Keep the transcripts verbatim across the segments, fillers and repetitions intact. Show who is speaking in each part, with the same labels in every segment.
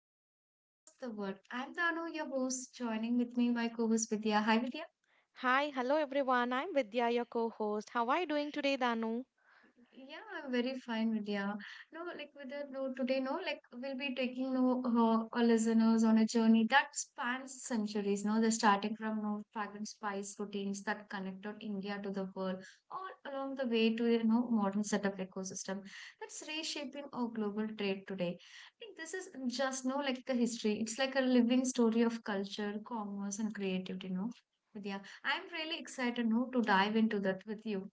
Speaker 1: Indian trade across the world. I'm Danu, your host. Joining with me, my co host Vidya. Hi, Vidya.
Speaker 2: Hi, hello everyone. I'm Vidya, your co host. How are you doing today, Danu?
Speaker 1: Yeah, I'm very fine, Vidya. No, like Vidya, no, today, no, like we'll be taking no uh, our listeners on a journey that spans centuries, no, the starting from no fragrant spice routines that connected India to the world, all along the way to you know modern setup ecosystem that's reshaping our global trade today. Like this is just no like the history. It's like a living story of culture, commerce, and creativity, no. Vidya, I'm really excited no to dive into that with you.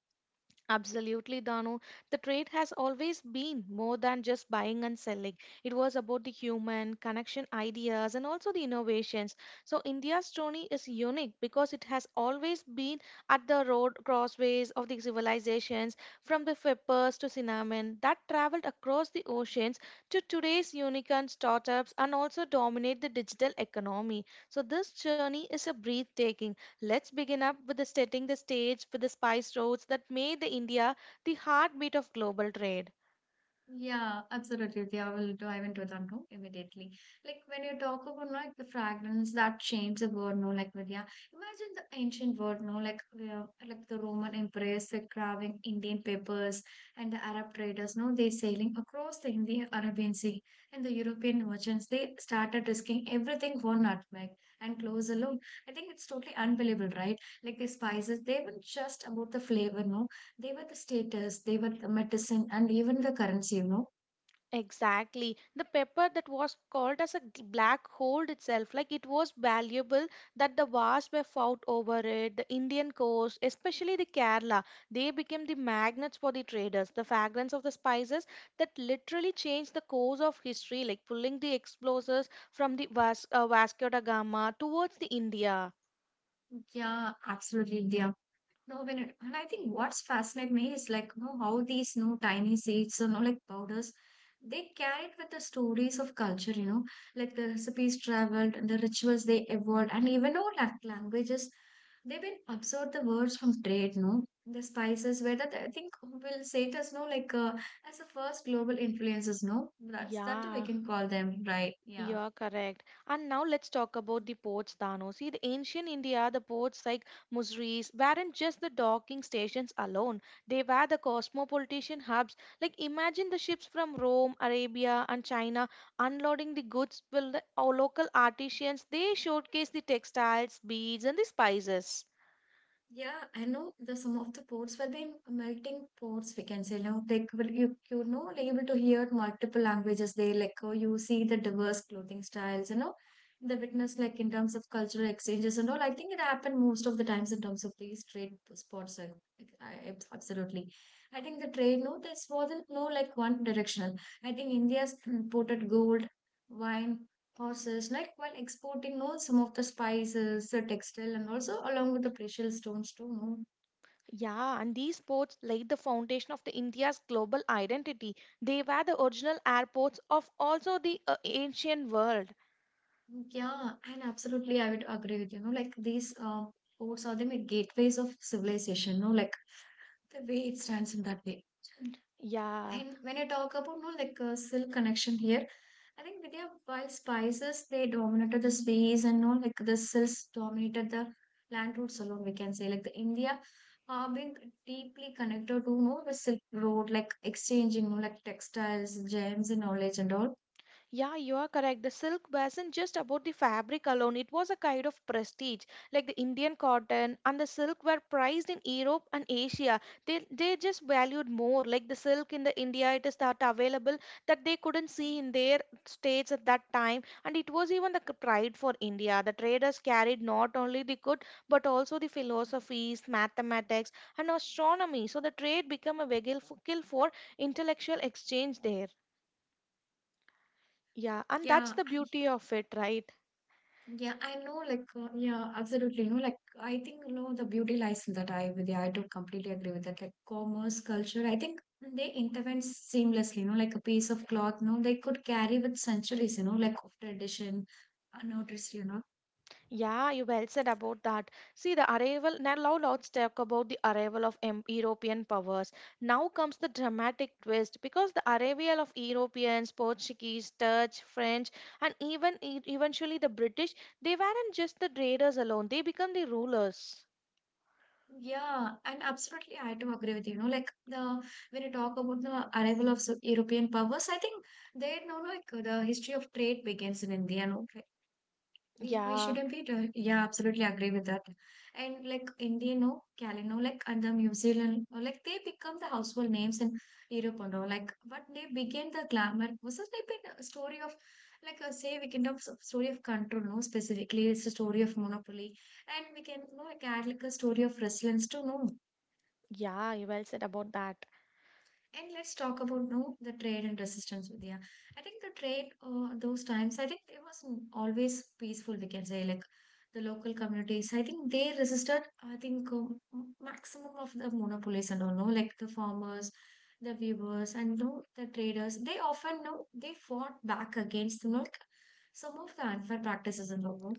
Speaker 2: Absolutely, Danu. The trade has always been more than just buying and selling. It was about the human connection ideas and also the innovations. So, India's journey is unique because it has always been at the road crossways of the civilizations from the peppers to Cinnamon that traveled across the oceans to today's unicorn startups and also dominate the digital economy. So, this journey is a breathtaking. Let's begin up with the setting the stage with the spice roads that made the India the heartbeat of global trade.
Speaker 1: Yeah, absolutely. I will dive into that now immediately. Like when you talk about no, like the fragments that change the world, no, like Vidya. Imagine the ancient world, no, like uh, like the Roman empress, the carving Indian papers, and the Arab traders, no, they sailing across the Indian Arabian Sea, and the European merchants, they started risking everything for nutmeg and cloves alone. I think it's totally unbelievable, right? Like the spices, they were just about the flavor, no, they were the status, they were the medicine, and even the currency, you know.
Speaker 2: Exactly. The pepper that was called as a g- black hole itself, like it was valuable that the wars were fought over it. The Indian coast, especially the Kerala, they became the magnets for the traders. The fragrance of the spices that literally changed the course of history, like pulling the explosives from the Vas- uh, Vasco da Gama towards the India.
Speaker 1: Yeah, absolutely. Yeah. No, when it, and I think what's fascinate me is like, you know, how these no tiny seeds, you know, like powders, they carried with the stories of culture, you know, like the recipes traveled and the rituals they evolved, and even all la- languages, they've been absorbed the words from trade, no, the spices, whether the, I think we'll say it as no, like uh, as the first global influences, no, that's that too we
Speaker 2: Yeah.
Speaker 1: can call them, right? Yeah.
Speaker 2: You're correct. And now let's talk about the ports, Dano. See, the ancient India, the ports like Musris weren't just the docking stations alone. They were the cosmopolitan hubs. Like imagine the ships from Rome, Arabia, and China unloading the goods. Will the our local artisans they showcase the textiles, beads, and the spices.
Speaker 1: Yeah, I know the some of the ports were being melting ports, we can say, no? Like will you you know, like able to hear multiple languages there, like oh, you see the diverse clothing styles, you know, the witness like in terms of cultural exchanges and all. I think it happened most of the times in terms of these trade spots. I, I, I- absolutely. I think the trade, no, this wasn't no like one directional. I think India's imported gold, wine, horses, like while exporting know some of the spices, the textile, and also along with the precious stones too. No,
Speaker 2: Yeah, and these ports laid the foundation of the India's global identity. They were the original airports of also the uh, ancient world.
Speaker 1: yeah, and absolutely, I would agree with you. No, like these uh, ports are the gateways of civilization. No, like the way it stands in that way.
Speaker 2: Yeah.
Speaker 1: And when I talk about no like a silk connection here, I think Vidya, while spices they dominated the space and no like the silks dominated the plant roots alone, we can say like the India are being deeply connected to no the Silk Road, like exchanging no like textiles, gems, and knowledge and all.
Speaker 2: Yeah, you are correct. The silk wasn't just about the fabric alone, it was a kind of prestige. Like the Indian cotton and the silk were prized in Europe and Asia. They, they just valued more. Like the silk in the India, it is that available that they couldn't see in their states at that time. And it was even the c- pride for India. The traders carried not only the good but also the philosophies, mathematics, and astronomy. So the trade became a vehicle for intellectual exchange there. Yeah, and that's
Speaker 1: Yeah,
Speaker 2: the beauty of it, right?
Speaker 1: yeah, I know, like, uh, yeah, absolutely. You know, like, I think, you know, the beauty lies in that. I, with yeah, I do completely agree with that. Like, commerce, culture, I think they intervene seamlessly, you know, like a piece of cloth, you know, they could carry with centuries, you know, like of tradition, unnoticed, you know.
Speaker 2: Yeah, you well said about that. See, the arrival now, now let's talk about the arrival of em- European powers. Now comes the dramatic twist because the arrival of Europeans, Portuguese, Dutch, French, and even e- eventually the British, they weren't just the traders alone, they become the rulers.
Speaker 1: Yeah, and absolutely, I do agree with you. You know, like the when you talk about the arrival of s- European powers, I think they know like the history of trade begins in India. You know, We, we
Speaker 2: Yeah,
Speaker 1: shouldn't be dr- yeah absolutely agree with that. And like indian or calino like and the new zealand or like they become the household names in europe and all like but they begin the glamour was it like a story of like a say we can have s- story of control no specifically it's a story of monopoly and we can you know like add like a story of resilience to know.
Speaker 2: yeah, you well said about that.
Speaker 1: And let's talk about no the trade and resistance, Vidya. I think the trade, uh, those times, I think it was always peaceful. We can say like the local communities. I think they resisted. I think um, maximum of the monopolies and all. No, like the farmers, the weavers, and no the traders. They often no they fought back against you know, like some of the unfair practices and all. No?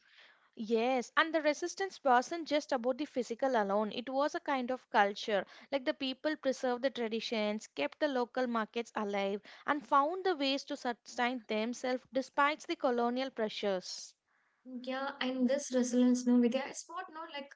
Speaker 2: Yes, and the resistance wasn't just about the physical alone. It was a kind of culture. Like the people preserved the traditions, kept the local markets alive, and found the ways to sustain themselves despite the colonial pressures.
Speaker 1: Yeah, and this resilience, no, Vidya, is what, no, like,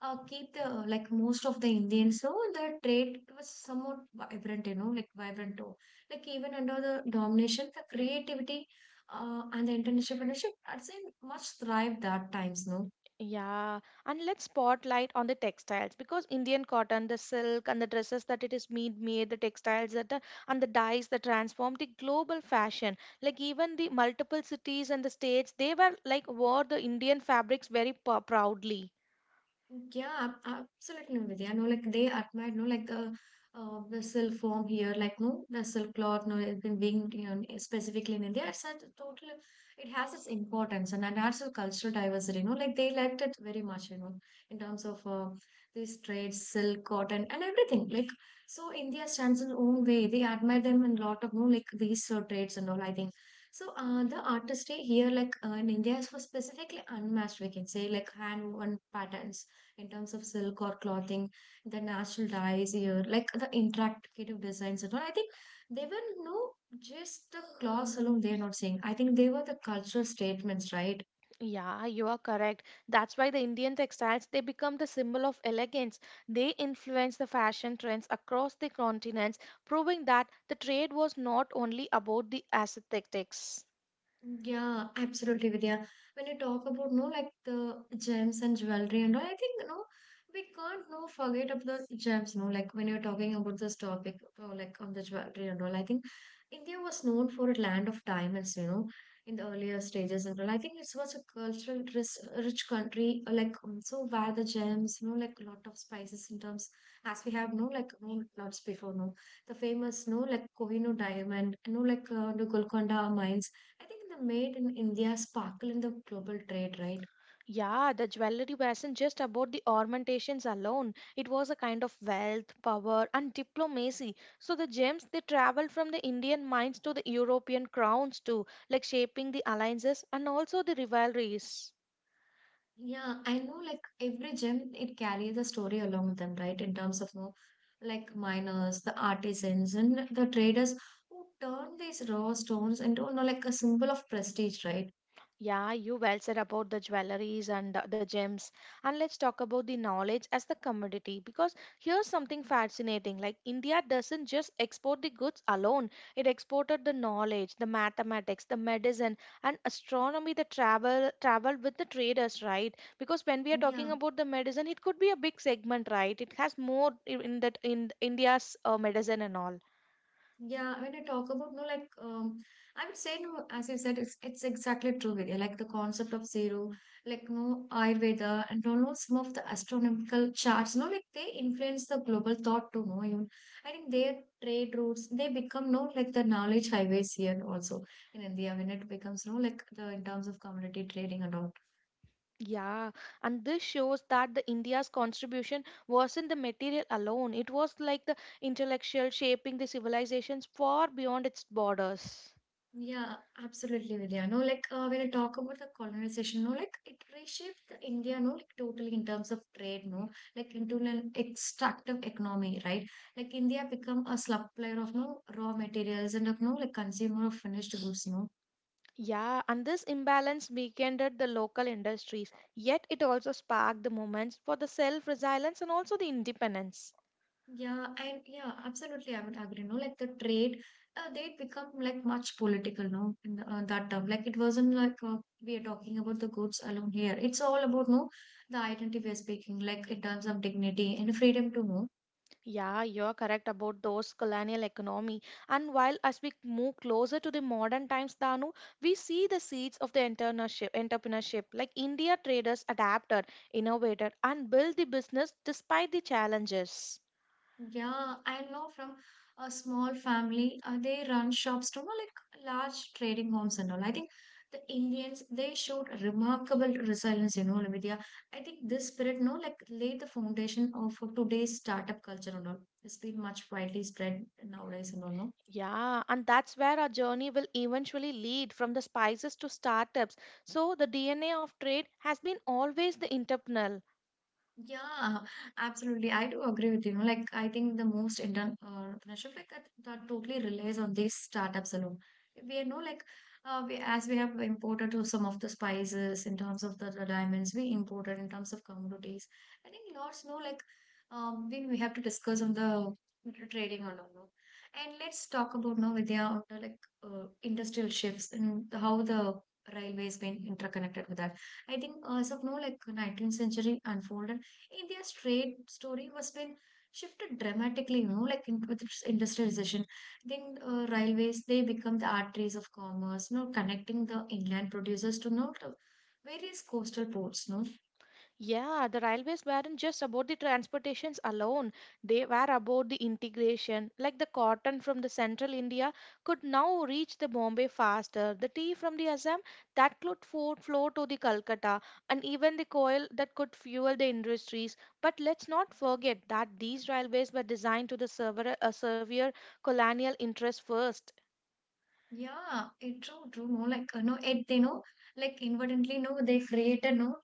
Speaker 1: uh, keep the, like, most of the Indians, so the trade was somewhat vibrant, you know, like, vibrant, too. Like, even under the domination, the creativity, uh, and the international partnership, I'd say much thrived that times, no.
Speaker 2: Yeah, and let's spotlight on the textiles because Indian cotton, the silk, and the dresses that it is made, made the textiles that are, and the dyes that transformed the global fashion. Like even the multiple cities and the states, they were like wore the Indian fabrics very p- proudly.
Speaker 1: Yeah, ab- absolutely, Vidya. No, like they admired, no, like the uh, vessel form here, like no vessel cloth, no, it been being you know, specifically in India, it's a total. It has its importance and it has a cultural diversity. No, like they liked it very much. You know, in terms of uh, these trades, silk, cotton, and everything. Like so, India stands in own way. They admire them in a lot of no, like these uh, trades and all. I think. So uh, the artistry here, like uh, in India, is for specifically unmatched. We can say like hand woven patterns in terms of silk or clothing, the natural dyes here, like the interactive designs and all. I think they were no just the clothes alone. They are not saying. I think they were the cultural statements, right?
Speaker 2: Yeah, you are correct. That's why the Indian textiles they become the symbol of elegance. They influence the fashion trends across the continents, proving that the trade was not only about the aesthetics.
Speaker 1: Yeah, absolutely, Vidya. When you talk about no, like the gems and jewelry and all, I think no, we can't no forget of the gems. No, like when you're talking about this topic, or like on the jewelry and all, I think India was known for a land of diamonds. You know, in the earlier stages and all, I think it was a cultural rich, rich country. uh, Like um, so, where the gems, you know, like a lot of spices in terms as we have no, like no lots before no, the famous no, like Kohinoor diamond, no, like uh, the Golconda mines. I think the made in India sparkle in the global trade, right?
Speaker 2: Yeah, the jewelry wasn't just about the ornamentations alone. It was a kind of wealth, power, and diplomacy. So the gems they traveled from the Indian mines to the European crowns too, like shaping the alliances and also the rivalries.
Speaker 1: Yeah, I know like every gem it carries a story along with them, right? In terms of you know, like miners, the artisans and the traders who turn these raw stones into you know, like a symbol of prestige, right?
Speaker 2: Yeah, you well said about the jewelries and uh, the gems. And let's talk about the knowledge as the commodity because here's something fascinating. Like India doesn't just export the goods alone. It exported the knowledge, the mathematics, the medicine and astronomy that travel traveled with the traders, right? Because when we are
Speaker 1: Yeah,
Speaker 2: talking about the medicine, it could be a big segment, right? It has more in in that in India's uh, medicine and all.
Speaker 1: yeah, when I talk about no, like um, I would say no, as you said, it's it's exactly true, Vidya. Like the concept of zero, like no Ayurveda and no, no some of the astronomical charts, no, like they influence the global thought too, no. Even I think their trade routes, they become no like the knowledge highways here also in India when it becomes no like the in terms of commodity trading and all.
Speaker 2: Yeah, and this shows that the India's contribution wasn't the material alone. It was like the intellectual shaping the civilizations far beyond its borders.
Speaker 1: Yeah, absolutely, Vidya. No, like uh, when I talk about the colonization, no, like it reshaped the India, no, like totally in terms of trade, no, like into an extractive economy, right? Like India become a supplier of no raw materials and of no like consumer of finished goods, no.
Speaker 2: Yeah, and this imbalance weakened the local industries, yet it also sparked the moments for the self-resilience and also the independence.
Speaker 1: Yeah, and yeah, absolutely, I would agree. No, like the trade, uh, they become like much political, no, in the, uh, that term. Like it wasn't like uh, we are talking about the goods alone here. It's all about no, the identity we are speaking, like in terms of dignity and freedom to know.
Speaker 2: Yeah, you're correct about those colonial economy. And while as we move closer to the modern times, Danu, we see the seeds of the entrepreneurship, entrepreneurship. Like India traders adapted, innovated, and built the business despite the challenges.
Speaker 1: Yeah, I know from a small family, uh, they run shops to more like large trading homes and all. I think the Indians, they showed remarkable resilience, you know, Vidya. I think this spirit, no, like laid the foundation of today's startup culture and all. It's been much widely spread nowadays and all, no?
Speaker 2: Yeah, and that's where our journey will eventually lead from the spices to startups. So the D N A of trade has been always the entrepreneurial.
Speaker 1: Yeah, absolutely. I do agree with you. Like, I think the most Indian entrepreneurship, like that, that totally relies on these startups alone. We know, like, uh, we, as we have imported to some of the spices in terms of the, the diamonds, we imported in terms of commodities. I think lots know, like, um, we, we have to discuss on the trading or no. No. And let's talk about now with the like uh, industrial shifts and how the railways been interconnected with that. I think as of now, like nineteenth century unfolded India's trade story was been shifted dramatically, you know, like in, with its industrialization. Then uh, railways, they become the arteries of commerce, you know, connecting the inland producers to you know, to various coastal ports, you know.
Speaker 2: Yeah, the railways weren't just about the transportations alone. They were about the integration. Like the cotton from the central India could now reach the Bombay faster. The tea from the Assam that could fo- flow to the Calcutta and even the coal that could fuel the industries. But let's not forget that these railways were designed to the severe, uh, severe colonial interest first.
Speaker 1: Yeah, it true, true. No, like uh, no, it they know, like inadvertently, no, they created no,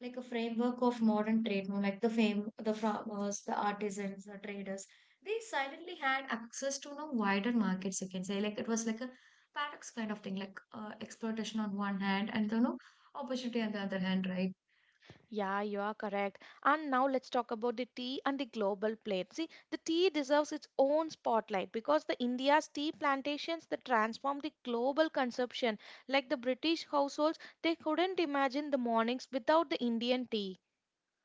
Speaker 1: like a framework of modern trade. No, like the fame, the farmers, the artisans, the traders. They silently had access to no wider markets. You can say like it was like a paradox kind of thing, like uh, exploitation on one hand and the no opportunity on the other hand, right?
Speaker 2: Yeah, you are correct. And now let's talk about the tea and the global plate. See, the tea deserves its own spotlight because the India's tea plantations that transformed the global consumption. Like the British households, they couldn't imagine the mornings without the Indian tea.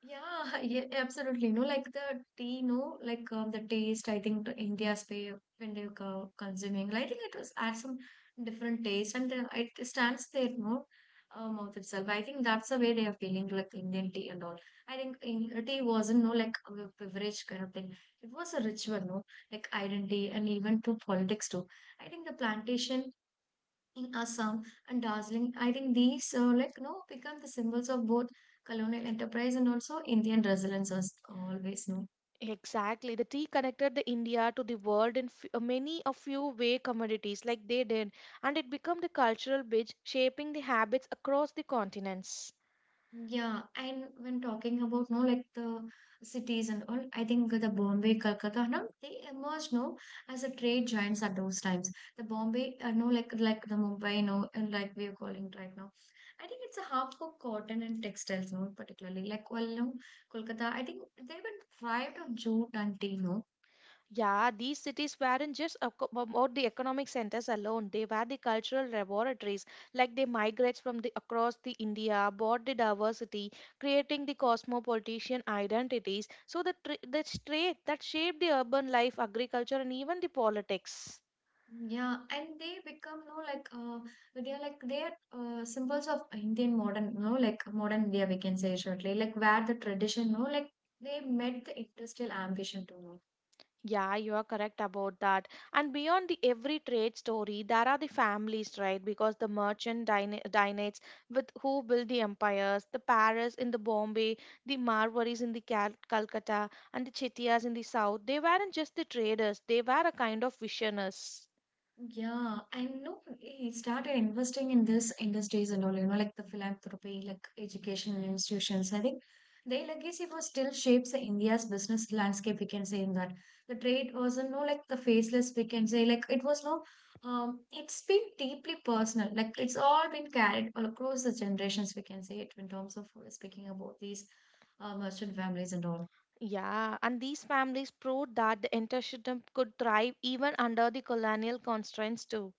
Speaker 1: Yeah, yeah, absolutely. No, like the tea, no, like um, the taste. I think to India's pay when they were consuming, I think it was adds some different taste, and the, it stands there, no, uh, mouth itself. I think that's the way they are feeling, like Indian tea and all. I think in, uh, tea wasn't no like a beverage kind of thing. It was a ritual, no, like identity and even to politics too. I think the plantation in Assam and Darjeeling. I think these uh, like you know become the symbols of both colonial enterprise and also Indian resilience as always no.
Speaker 2: Exactly. The tea connected the India to the world in f- many a few way commodities like they did, and it became the cultural bridge shaping the habits across the continents.
Speaker 1: Yeah, and when talking about no like the cities and all, I think the Bombay, Calcutta, no, they emerged no as a trade giants at those times. The Bombay, uh, no like like the Mumbai, no, and like we are calling it right now. I think it's a hub for cotton and textiles, no, particularly like well, no, Kolkata. I think they even thrived on jute and tea, no.
Speaker 2: Yeah, these cities weren't just aco- about the economic centers alone. They were the cultural laboratories. Like they migrate from the across the India, brought the diversity, creating the cosmopolitan identities. So the tr- the trait that shaped the urban life, agriculture, and even the politics.
Speaker 1: Yeah, and they become, no, like, uh, they're like, they're uh, symbols of Indian modern, no, like modern India, we can say shortly, like where the tradition, no, like they met the industrial ambition too. No.
Speaker 2: Yeah, you are correct about that. And beyond the every trade story, there are the families, right? Because the merchant dyna- dynasts with who built the empires, the Paris in the Bombay, the Marwaris in the Cal- Calcutta, and the Chettiars in the south. They weren't just the traders; they were a kind of visionaries.
Speaker 1: Yeah, I know he started investing in this industries and all, you know, like the philanthropy, like education institutions. I think their legacy was still shapes the India's business landscape, we can say in that. The trade wasn't no like the faceless, we can say, like it was no um it's been deeply personal. Like it's all been carried all across the generations, we can say it in terms of uh, speaking about these uh, merchant families and all.
Speaker 2: Yeah, and these families proved that the entrepreneurship could thrive even under the colonial constraints too.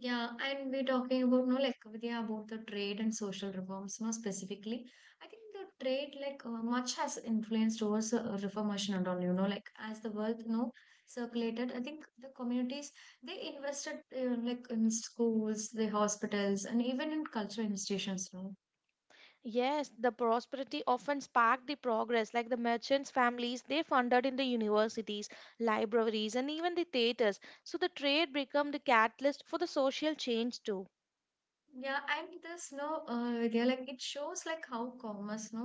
Speaker 1: Yeah, and we're talking about no like Vidya about the trade and social reforms more specifically. I think the trade like uh, much has influenced towards uh, reformation and all. You know, like as the wealth you know circulated, I think the communities they invested uh, like in schools, the hospitals, and even in cultural institutions. You know,
Speaker 2: Yes, the prosperity often sparked the progress, like the merchants' families, they funded in the universities, libraries, and even the theaters. So the trade became the catalyst for the social change too.
Speaker 1: yeah, and this no uh, Vidya like it shows like how commerce no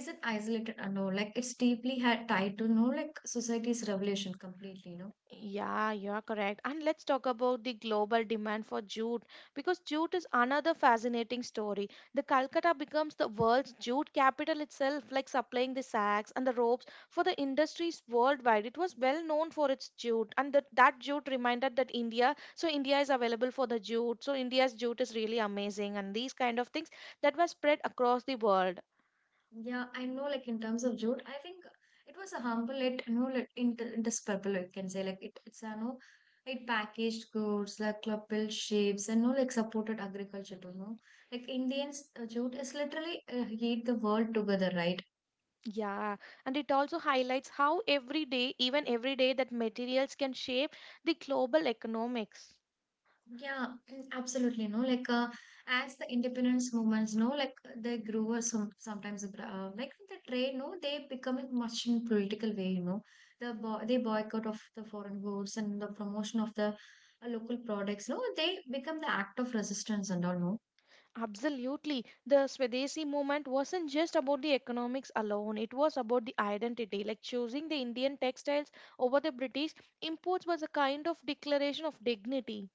Speaker 1: isn't isolated and all. Like it's deeply had tied to no like society's revolution completely. You know.
Speaker 2: Yeah, you are correct. And let's talk about the global demand for jute because jute is another fascinating story. The Calcutta becomes the world's jute capital itself, like supplying the sacks and the ropes for the industries worldwide. It was well known for its jute, and that, that jute reminded that India, so India is available for the jute. So India's jute is really amazing, and these kind of things that were spread across the world.
Speaker 1: Yeah, I know, like in terms of Jude, I think it was a harmful, it, you know, like in, in this purple, you can say, like it, it's, you know, it packaged goods, like club built ships, and no, like supported agriculture, you know. Like Indians, uh, Jude is literally uh, heat the world together, right?
Speaker 2: Yeah, and it also highlights how every day, even every day, that materials can shape the global economics.
Speaker 1: Yeah, absolutely. No, like uh, as the independence movements, no, like uh, they grew or some sometimes uh, like the trade, no, they become it much in political way. You know, the bo they boycott of the foreign goods and the promotion of the uh, local products. No, they become the act of resistance and all. No,
Speaker 2: Absolutely. The Swadeshi movement wasn't just about the economics alone, it was about the identity. Like choosing the Indian textiles over the British imports was a kind of declaration of dignity.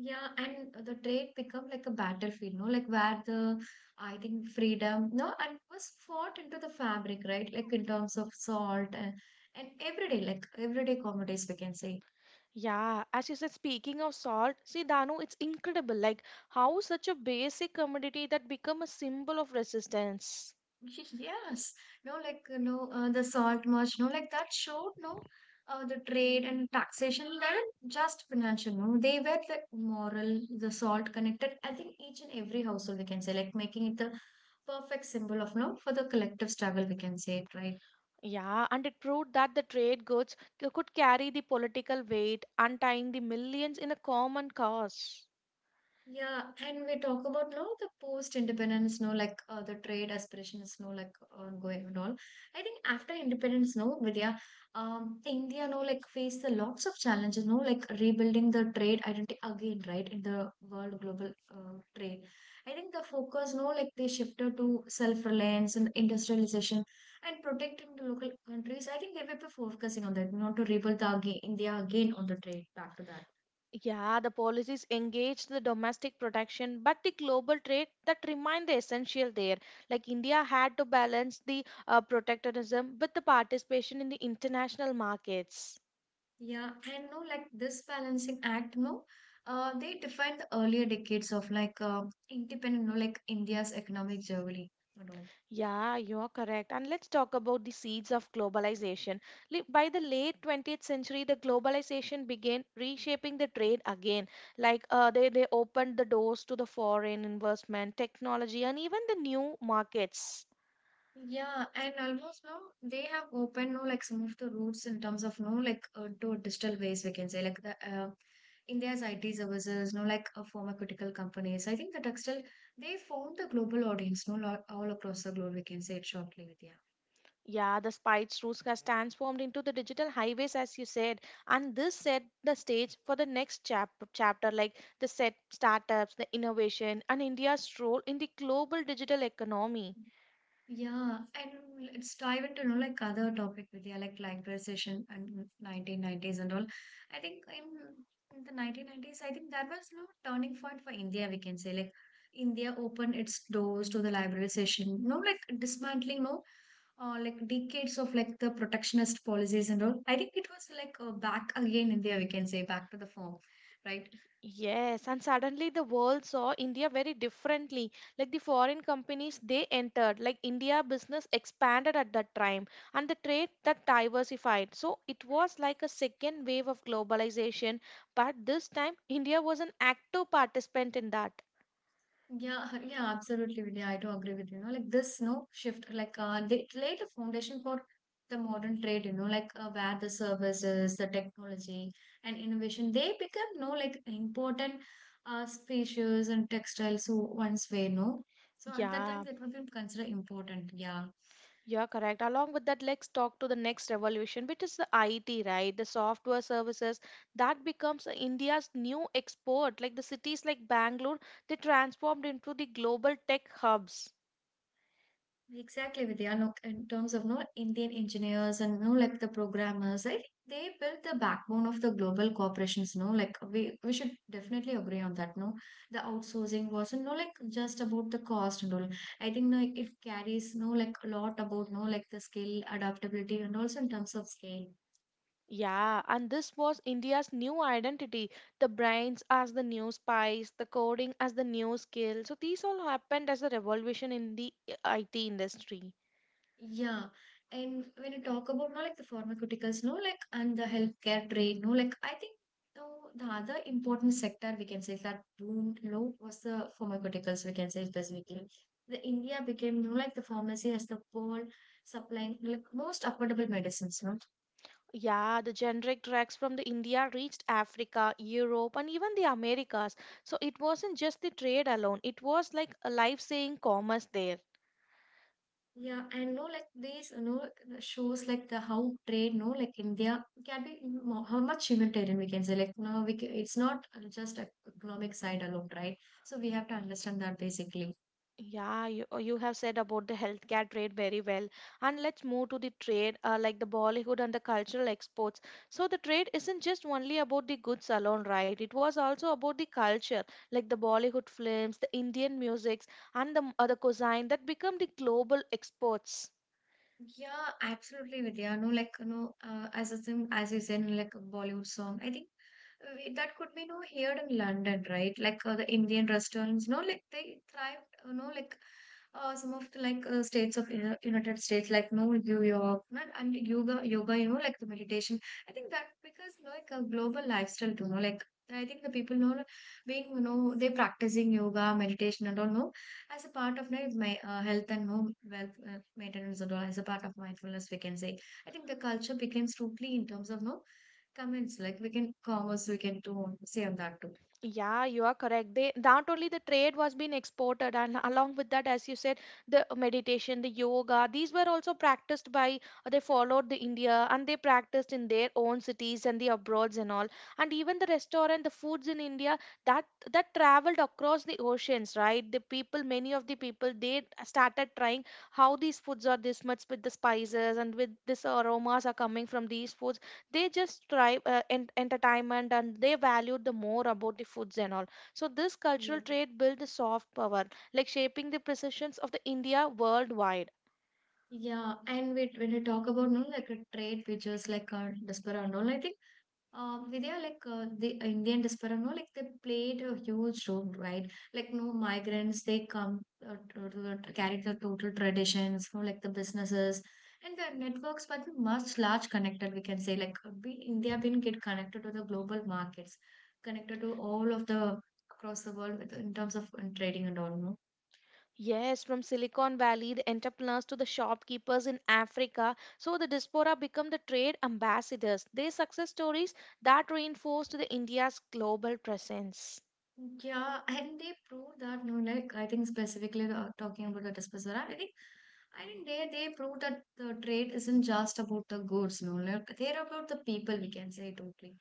Speaker 1: yeah, and the trade become like a battlefield. No, like where the I think freedom, no, and was fought into the fabric, right? Like in terms of salt and and everyday, like everyday commodities, we can say.
Speaker 2: Yeah, as you said, speaking of salt, see, Danu, it's incredible. Like how such a basic commodity that become a symbol of resistance.
Speaker 1: Yes, no, like you know, uh, the salt march, no, like that showed no, uh, the trade and taxation weren't just financial, no, they were the moral, the salt connected. I think each and every household we can say, like making it the perfect symbol of no for the collective struggle we can say it, right?
Speaker 2: Yeah, and it proved that the trade goods c- could carry the political weight, untying the millions in a common cause.
Speaker 1: Yeah, and we talk about no the post-independence, no like uh, the trade aspirations, no like ongoing and all. I think after independence, no Vidya, um, India, no like faced a lots of challenges, no like rebuilding the trade identity again, right, in the world global uh, trade. I think the focus, no like they shifted to self-reliance and industrialization and protecting the local countries. I think they may be focusing on that, not to rebuild the again India again on the trade back to that.
Speaker 2: Yeah, the policies engaged the domestic protection, but the global trade that remained the essential there. Like India had to balance the uh, protectionism with the participation in the international markets.
Speaker 1: Yeah, and no, like this balancing act, no, uh, they define the earlier decades of like uh, independent, no, like India's economic journey. You know.
Speaker 2: Yeah, you're correct. And let's talk about the seeds of globalization. Li- By the late twentieth century, the globalization began reshaping the trade again. Like uh, they, they opened the doors to the foreign investment, technology, and even the new markets.
Speaker 1: Yeah, and almost no, they have opened no, like some of the routes in terms of no, like uh, to digital ways we can say, like the uh, India's I T services, no, like uh, pharmaceutical companies. I think the textile they found the global audience, no, lo- all across the globe. We can say it shortly, Vidya.
Speaker 2: Yeah, the Spice routes has transformed into the digital highways, as you said, and this set the stage for the next chap- chapter, like the set startups, the innovation, and India's role in the global digital economy.
Speaker 1: Yeah, and let's dive into you know, like other topic with you, like liberalization and nineteen nineties and all. I think in, in the nineteen nineties, I think that was you know, turning point for India, we can say. Like India opened its doors to the liberalization, you know, like dismantling, no, uh, like decades of like the protectionist policies and all. I think it was like uh, back again India, we can say, back to the form, right?
Speaker 2: Yes, and suddenly the world saw India very differently. Like the foreign companies they entered, like India business expanded at that time, and the trade that diversified. So it was like a second wave of globalization, but this time India was an active participant in that.
Speaker 1: Yeah, yeah, absolutely, Vidya. I do agree with you. You know, like this, no shift, like uh, they laid the foundation for the modern trade. You know, like uh, where the services, the technology, and innovation they become no like important uh, species and textiles who once were no. So at that time,
Speaker 2: Yeah.
Speaker 1: that would be considered important. Yeah.
Speaker 2: Yeah, correct. Along with that, let's talk to the next revolution, which is the I T, right? The software services that becomes India's new export. Like the cities like Bangalore, they transformed into the global tech hubs.
Speaker 1: Exactly, Vidya. Look, in terms of no Indian engineers and no like the programmers, right? They built the backbone of the global corporations. No, like we we should definitely agree on that. No, the outsourcing wasn't no like just about the cost and all. I think like it carries no like a lot about no like the skill adaptability and also in terms of scale.
Speaker 2: Yeah, and this was India's new identity. The brains as the new spice, the coding as the new skill. So these all happened as a revolution in the I T industry.
Speaker 1: Yeah, and when you talk about no like the pharmaceuticals, no like and the healthcare trade, no like I think no the other important sector we can say that boomed no was the pharmaceuticals we can say specifically. The India became no like the pharmacy as the world supplying like most affordable medicines, no.
Speaker 2: Yeah, the generic drugs from the India reached Africa, Europe, and even the Americas. So it wasn't just the trade alone; it was like a life-saving commerce there.
Speaker 1: Yeah, and no, like these, you know, the shows like the how trade, no, like India can be mo- how much humanitarian we can say. Like no, we ca- it's not uh, just a economic side alone, right? So we have to understand that basically.
Speaker 2: Yeah, you uh, you have said about the healthcare trade very well. And let's move to the trade, uh, like the Bollywood and the cultural exports. So the trade isn't just only about the goods alone, right? It was also about the culture, like the Bollywood films, the Indian musics, and the m- uh, the cuisine that become the global exports.
Speaker 1: Yeah, absolutely, Vidya. No, like no, uh, as is in, as you said, no, like a Bollywood song. I think uh, we, that could be no here in London, right? Like uh, the Indian restaurants. No, like they thrive. You know, like uh, some of the like uh, states of Uni- United States, like no New York, not and yoga, yoga. You know, like the meditation. I think that because no, like a global lifestyle too. No, like I think the people know being you know they practicing yoga, meditation and all. No, as a part of my, my uh, health and home wealth uh, maintenance and all as a part of mindfulness we can say I think the culture becomes totally in terms of no comments like we can commerce we can do say on that too
Speaker 2: Yeah, you are correct. They not only the trade was being exported, and along with that, as you said, the meditation, the yoga, these were also practiced by uh, they followed the India and they practiced in their own cities and the abroads and all. And even the restaurant, the foods in India that that traveled across the oceans, right? The people, many of the people, they started trying how these foods are this much with the spices and with this aromas are coming from these foods they just try uh, in entertainment and they valued the more about the foods and all, so this cultural
Speaker 1: yeah
Speaker 2: trade built the soft power, like shaping the perceptions of the India worldwide.
Speaker 1: yeah and we, when we talk about no like a trade which is like a desperate and all I think Um, Vidya, like uh, the Indian diaspora, no, like they played a huge role, right? Like, no migrants, they come uh, to, to, to carry the total traditions, no, like the businesses and their networks, but much large connected, we can say. Like, uh, we India been get connected to the global markets, connected to all of the across the world with- in terms of uh, trading and all, no?
Speaker 2: Yes, from Silicon Valley, the entrepreneurs to the shopkeepers in Africa. So the diaspora become the trade ambassadors. Their success stories that reinforced the India's global presence.
Speaker 1: Yeah, and they prove that, no, like I think specifically uh, talking about the Despacito, I think I think they they prove that the trade isn't just about the goods, no, like they're about the people, we can say totally.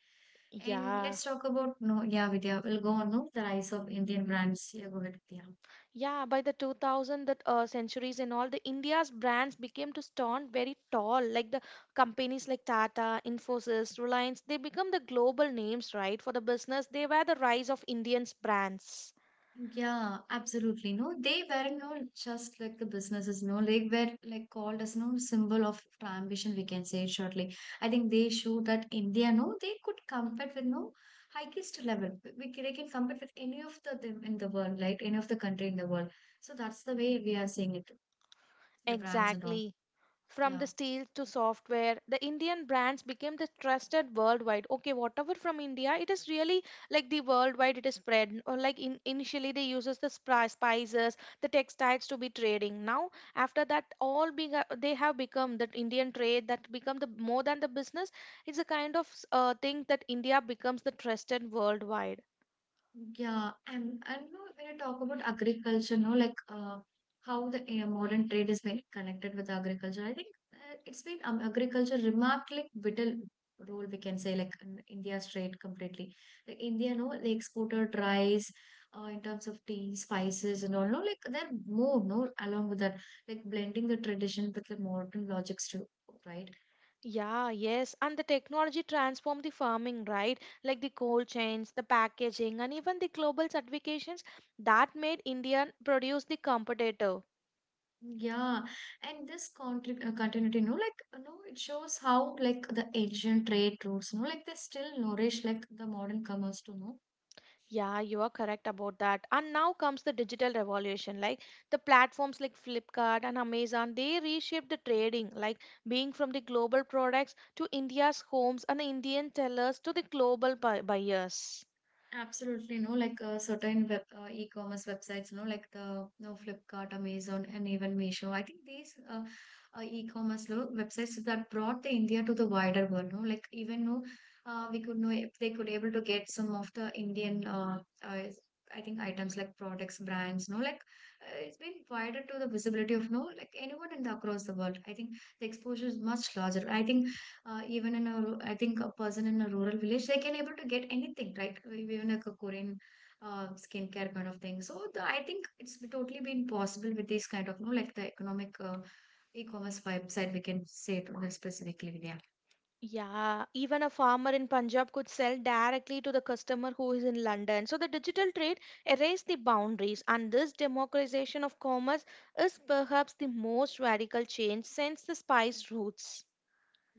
Speaker 1: And
Speaker 2: Yeah.
Speaker 1: let's talk about no, yeah, Vidya. We'll go on no, the rise of Indian brands. Yeah, go ahead, Vidya.
Speaker 2: Yeah, by the two thousand that uh, centuries and all, the India's brands became to stand very tall. Like the companies like Tata, Infosys, Reliance, they become the global names, right? For the business, they were the rise of Indians brands.
Speaker 1: Yeah, absolutely. No, they were no just like the businesses, no, they were like called as no symbol of ambition, we can say it shortly. I think they show that India, no, they could compete with no highest level. We can, they can compete with any of the them in the world, like any of the country in the world. So that's the way we are seeing it, the brands and all.
Speaker 2: Exactly. From the
Speaker 1: Yeah.
Speaker 2: steel to software, the Indian brands became the trusted worldwide. Okay, whatever from India it is really like the worldwide it is spread or like, in, initially they uses the spri- spices, the textiles to be trading. Now after that all being, they have become that Indian trade that become the more than the business. It's a kind of uh, thing that India becomes the trusted worldwide.
Speaker 1: Yeah, and and you know, when you talk about agriculture, no, like uh, how the uh, modern trade is been connected with agriculture, I think uh, it's been um, agriculture remarkably vital role we can say like in India's trade completely. Like India, no, they exported rice uh, in terms of tea, spices, and all. No, like they're more no along with that, like blending the tradition with the modern logics too, right?
Speaker 2: Yeah, yes, and the technology transformed the farming, right? Like the cold chains, the packaging, and even the global certifications that made Indian produce the competitor.
Speaker 1: Yeah, and this contri- uh, continuity, no, like, uh, no, it shows how, like, the ancient trade routes, no, like, they still nourish, like, the modern commerce, too, no.
Speaker 2: Yeah, you are correct about that. And now comes the digital revolution. Like the platforms like Flipkart and Amazon, they reshaped the trading, like being from the global products to India's homes and the Indian tellers to the global bu- buyers.
Speaker 1: Absolutely no, like uh, certain web uh, e-commerce websites, no, like the no Flipkart, Amazon, and even Meesho. I think these uh, uh, e-commerce no, websites that brought the India to the wider world. No, like even no, uh, we could know if they could able to get some of the Indian uh, uh, I think items like products, brands. No, like uh, it's been wider to the visibility of no, like anyone in the across the world. I think the exposure is much larger. I think uh, even in a ru- I think a person in a rural village they can able to get anything, right, even like a Korean uh, skincare kind of thing. So the, I think it's totally been possible with this kind of, you know, like the economic uh, e-commerce website. We can say it more specifically, Vidya.
Speaker 2: Yeah, even a farmer in Punjab could sell directly to the customer who is in London. So the digital trade erased the boundaries, and this democratization of commerce is perhaps the most radical change since the spice routes.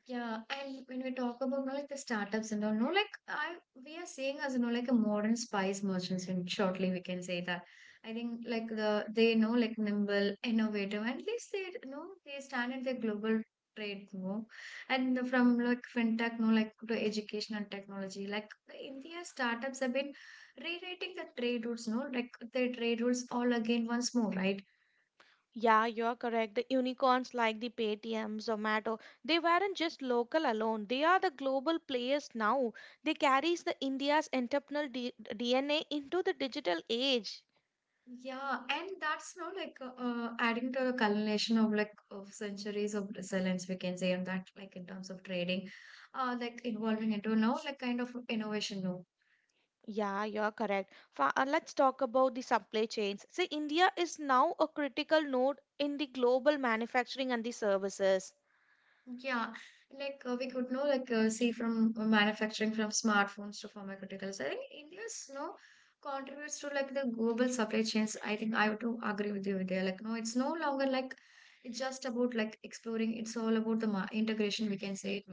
Speaker 1: Yeah, and when we talk about, you know, like the startups and all, no, like I we are seeing as you know like a modern spice merchants, and shortly we can say that. I think like the they know like nimble, innovative, and at least they you know they stand in their global trade, you know, and the- from like fintech, no, like to education and technology, like the India startups have been rewriting the trade routes, no, like their trade routes all again once more, right?
Speaker 2: Yeah, you're correct. The unicorns like the Paytm, Zomato, they weren't just local alone. They are the global players now. They carries the India's entrepreneurial D- DNA into the digital age.
Speaker 1: Yeah, and that's now like uh, uh, adding to the culmination of like of centuries of resilience, we can say, and that like in terms of trading, uh, like evolving into now like kind of innovation now.
Speaker 2: Yeah, you're correct. Fa- uh, let's talk about the supply chains. See, India is now a critical node in the global manufacturing and the services.
Speaker 1: Yeah, like uh, we could know like uh, see from uh, manufacturing from smartphones to pharmaceuticals. I think India's no contributes to like the global supply chains. I think I would to agree with you there. Like no, it's no longer like it's just about like exploring. It's all about the ma integration. We can say it.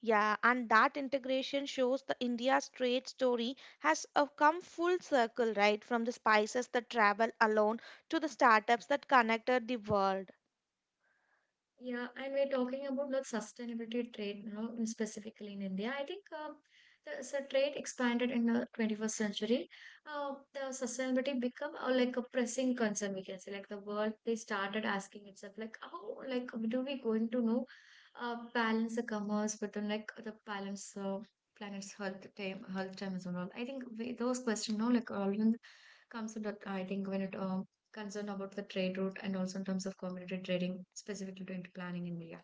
Speaker 2: Yeah, and that integration shows the India's trade story has uh, come full circle, right? From the spices that travel alone to the startups that connected the world.
Speaker 1: Yeah, and we're talking about the sustainability trade, you know, in- specifically in India. I think uh, the so trade expanded in the twenty-first century. Uh, the sustainability become uh, like a pressing concern, we can say. Like the world, they started asking itself, like, how, like, do we going to know uh, balance the commerce within like the balance uh, planet's health time, health time as well. I think we, those questions, no, like all of comes to that. I think when it um concern about the trade route and also in terms of commodity trading specifically to into planning and milling.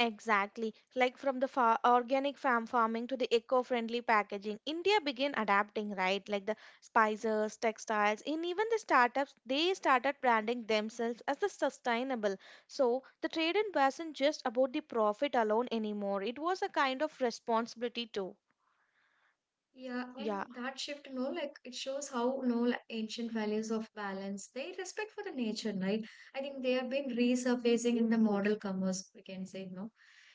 Speaker 2: Exactly. Like from the fa- organic farm farming to the eco-friendly packaging, India began adapting, right? Like the spices, textiles, and even the startups, they started branding themselves as the sustainable. So the trade in wasn't just about the profit alone anymore. It was a kind of responsibility too.
Speaker 1: Yeah,
Speaker 2: Yeah,
Speaker 1: and that shift, no, like it shows how no like, ancient values of balance, they respect for the nature, right? I think they have been resurfacing in the model commerce, we can say, no.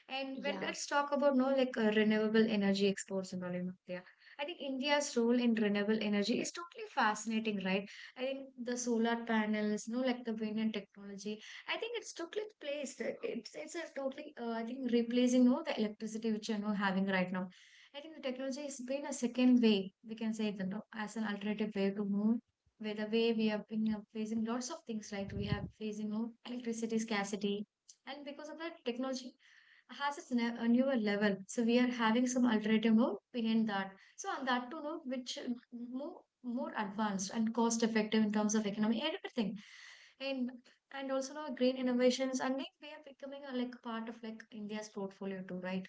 Speaker 1: And well,
Speaker 2: yeah.
Speaker 1: let's talk about no like uh, renewable energy exports and all in India. I think India's role in renewable energy is totally fascinating, right? I think the solar panels, no like the wind and technology. I think it's totally placed. It's it's a totally uh, I think replacing no the electricity which you're no having right now. I think the technology has been a second way, we can say that no, as an alternative way to move, where the way we have been uh, facing lots of things, like we have facing no, electricity scarcity, and because of that, technology has its ne- a newer level. So we are having some alternative move behind that. So on that to note, which uh, more more advanced and cost effective in terms of economy and everything, and and also now green innovations. And think we are becoming a, like part of like India's portfolio too, right?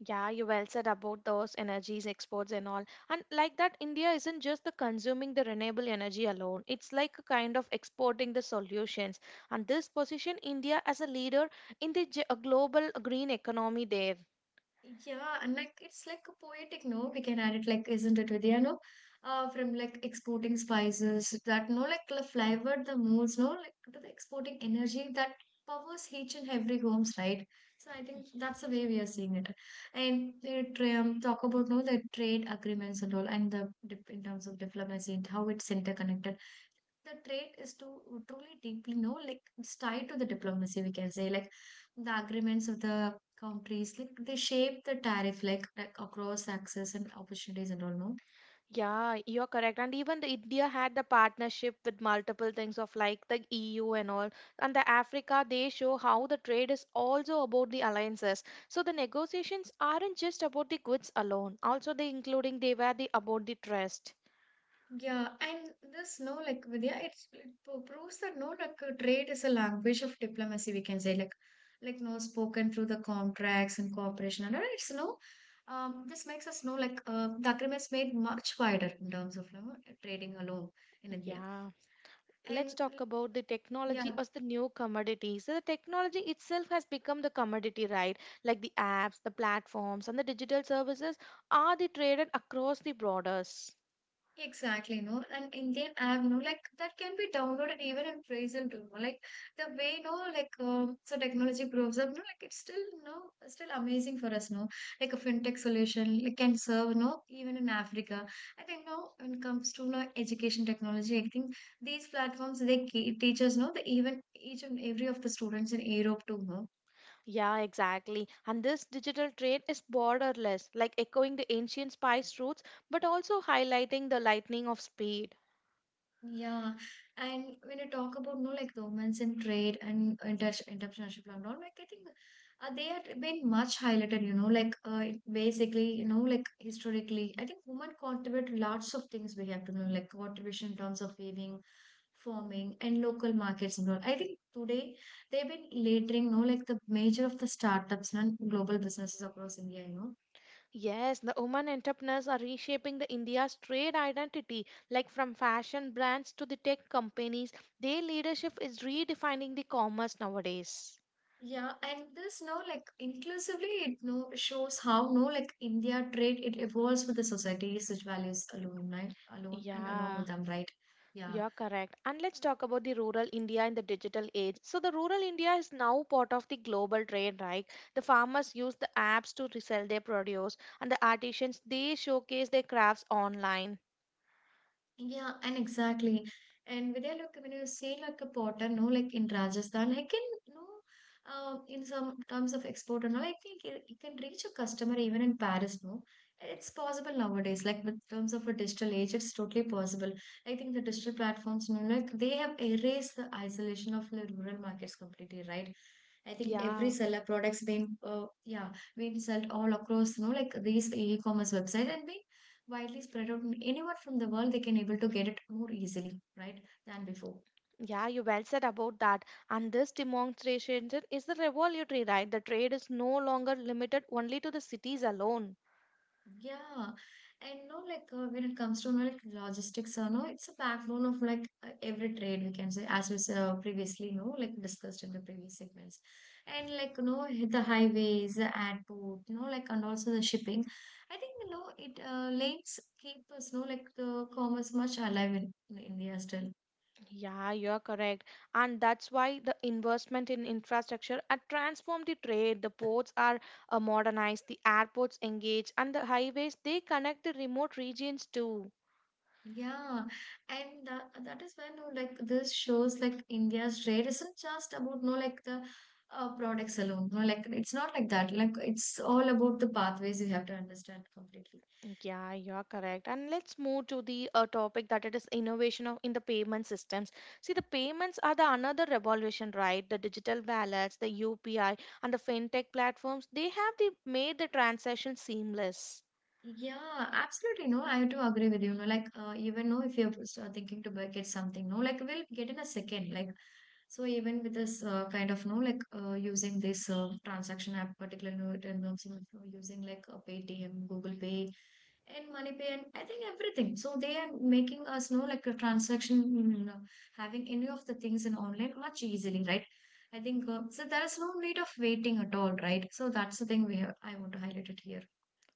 Speaker 2: Yeah, you well said about those energies, exports, and all. And like that, India isn't just the consuming the renewable energy alone. It's like a kind of exporting the solutions. And this position India as a leader in the ge- a global green economy there.
Speaker 1: Yeah, and like it's like a poetic, no? We can add it like, isn't it, Vidya? No, uh, from like exporting spices that no, like the flavored the moods, no, like to the exporting energy that powers each and every homes, right? So I think that's the way we are seeing it, and they tra- um, talk about no the trade agreements and all, and the dip in terms of diplomacy and how it's interconnected the trade is to truly deeply know, like it's tied to the diplomacy, we can say, like the agreements of the countries, like they shape the tariff, like, like across access and opportunities and all, no?
Speaker 2: Yeah, you're correct. And even the India had the partnership with multiple things of like the E U and all. And the Africa, they show how the trade is also about the alliances. So the negotiations aren't just about the goods alone. Also, they including they were the about the trust.
Speaker 1: Yeah, and this, no, like Vidya, it's, it proves that no, like uh, trade is a language of diplomacy, we can say, like, like no, spoken through the contracts and cooperation and all. It's no, um, this makes us know, like, uh, the agreements made much wider in terms of, you know, trading alone in India.
Speaker 2: Yeah.
Speaker 1: And
Speaker 2: Let's talk
Speaker 1: like,
Speaker 2: about the technology
Speaker 1: yeah.
Speaker 2: as the new commodity. So the technology itself has become the commodity, right? Like the apps, the platforms, and the digital services are the traded across the borders.
Speaker 1: Exactly, no, and Indian app, no, like that can be downloaded even in prison too, no, like the way, no, like um, so technology grows up, no, like it's still, no, still amazing for us, no, like a fintech solution, like can serve, no, even in Africa. I think, no, when it comes to no education technology, I think these platforms they ke- teach us, no, the even each and every of the students in Europe too, no.
Speaker 2: Yeah, exactly. And this digital trade is borderless, like echoing the ancient spice routes, but also highlighting the lightning of speed.
Speaker 1: Yeah, and when you talk about no like the women's in trade and inter entrepreneurship and all, like I think uh, they had been much highlighted. You know, like uh, it basically, you know, like historically, I think women contribute lots of things we have to know, like contribution in terms of weaving, farming, and local markets and all. I think today they've been leading, no, like the major of the startups and global businesses across India, you know.
Speaker 2: Yes, the women entrepreneurs are reshaping the India's trade identity, like from fashion brands to the tech companies. Their leadership is redefining the commerce nowadays.
Speaker 1: Yeah, and this no like inclusively it no shows how no like India trade it evolves with the societies which values alone right alone and along
Speaker 2: Yeah.
Speaker 1: with them, right. Yeah.
Speaker 2: You're correct. And let's talk about the rural India in the digital age. So, the rural India is now part of the global trade, right? The farmers use the apps to resell their produce, and the artisans they showcase their crafts online.
Speaker 1: Yeah, and exactly. And Vidya, look, when you say like a potter, no, like in Rajasthan, I can, you know, uh, in some terms of export and all, I think you you can reach a customer even in Paris, no? It's possible nowadays, like with terms of a digital age, it's totally possible. I think the digital platforms, no, like they have erased the isolation of the rural markets completely, right? I think every
Speaker 2: Yeah,
Speaker 1: seller products being, uh, yeah, being sold all across, you know, like these e-commerce websites and being widely spread out anywhere from the world they can able to get it more easily, right, than before.
Speaker 2: yeah, you well said about that. And this demonstration is the revolutionary, right? The trade is no longer limited only to the cities alone.
Speaker 1: Yeah, and no like uh, when it comes to no, like logistics or no it's a backbone of like uh, every trade we can say as we s- uh, previously know like discussed in the previous segments. And like, you know, the highways, the airport, you know, like, and also the shipping. I think you know it uh, links keep us, you know, like the commerce much alive in, in India still.
Speaker 2: Yeah, you're correct. And that's why the investment in infrastructure are transformed the trade. The ports are uh, modernized, the airports engage, and the highways they connect the remote regions too.
Speaker 1: Yeah, and that, that is when no, like this shows like India's trade isn't just about no like the uh, products alone. No, like it's not like that. Like it's all about the pathways you have to understand completely.
Speaker 2: Yeah, you're correct. And let's move to the uh, topic that it is innovation of in the payment systems. See, the payments are the another revolution, right? The digital wallets, the U P I, and the fintech platforms, they have the, made the transaction seamless.
Speaker 1: Yeah, absolutely. No, I do agree with you. No, like uh, even know if you're s- uh, thinking to buy- get something, no, like we'll get in a second. Like so, even with this uh, kind of no, like uh, using this uh, transaction app, particularly no, in terms of uh, using like a Paytm, Google Pay, and MoneyPay, and I think everything. So they are making us know like a transaction, mm, uh, having any of the things in online much easily, right? I think uh, so. There is no need of waiting at all, right? So that's the thing we have, I want to highlight it here.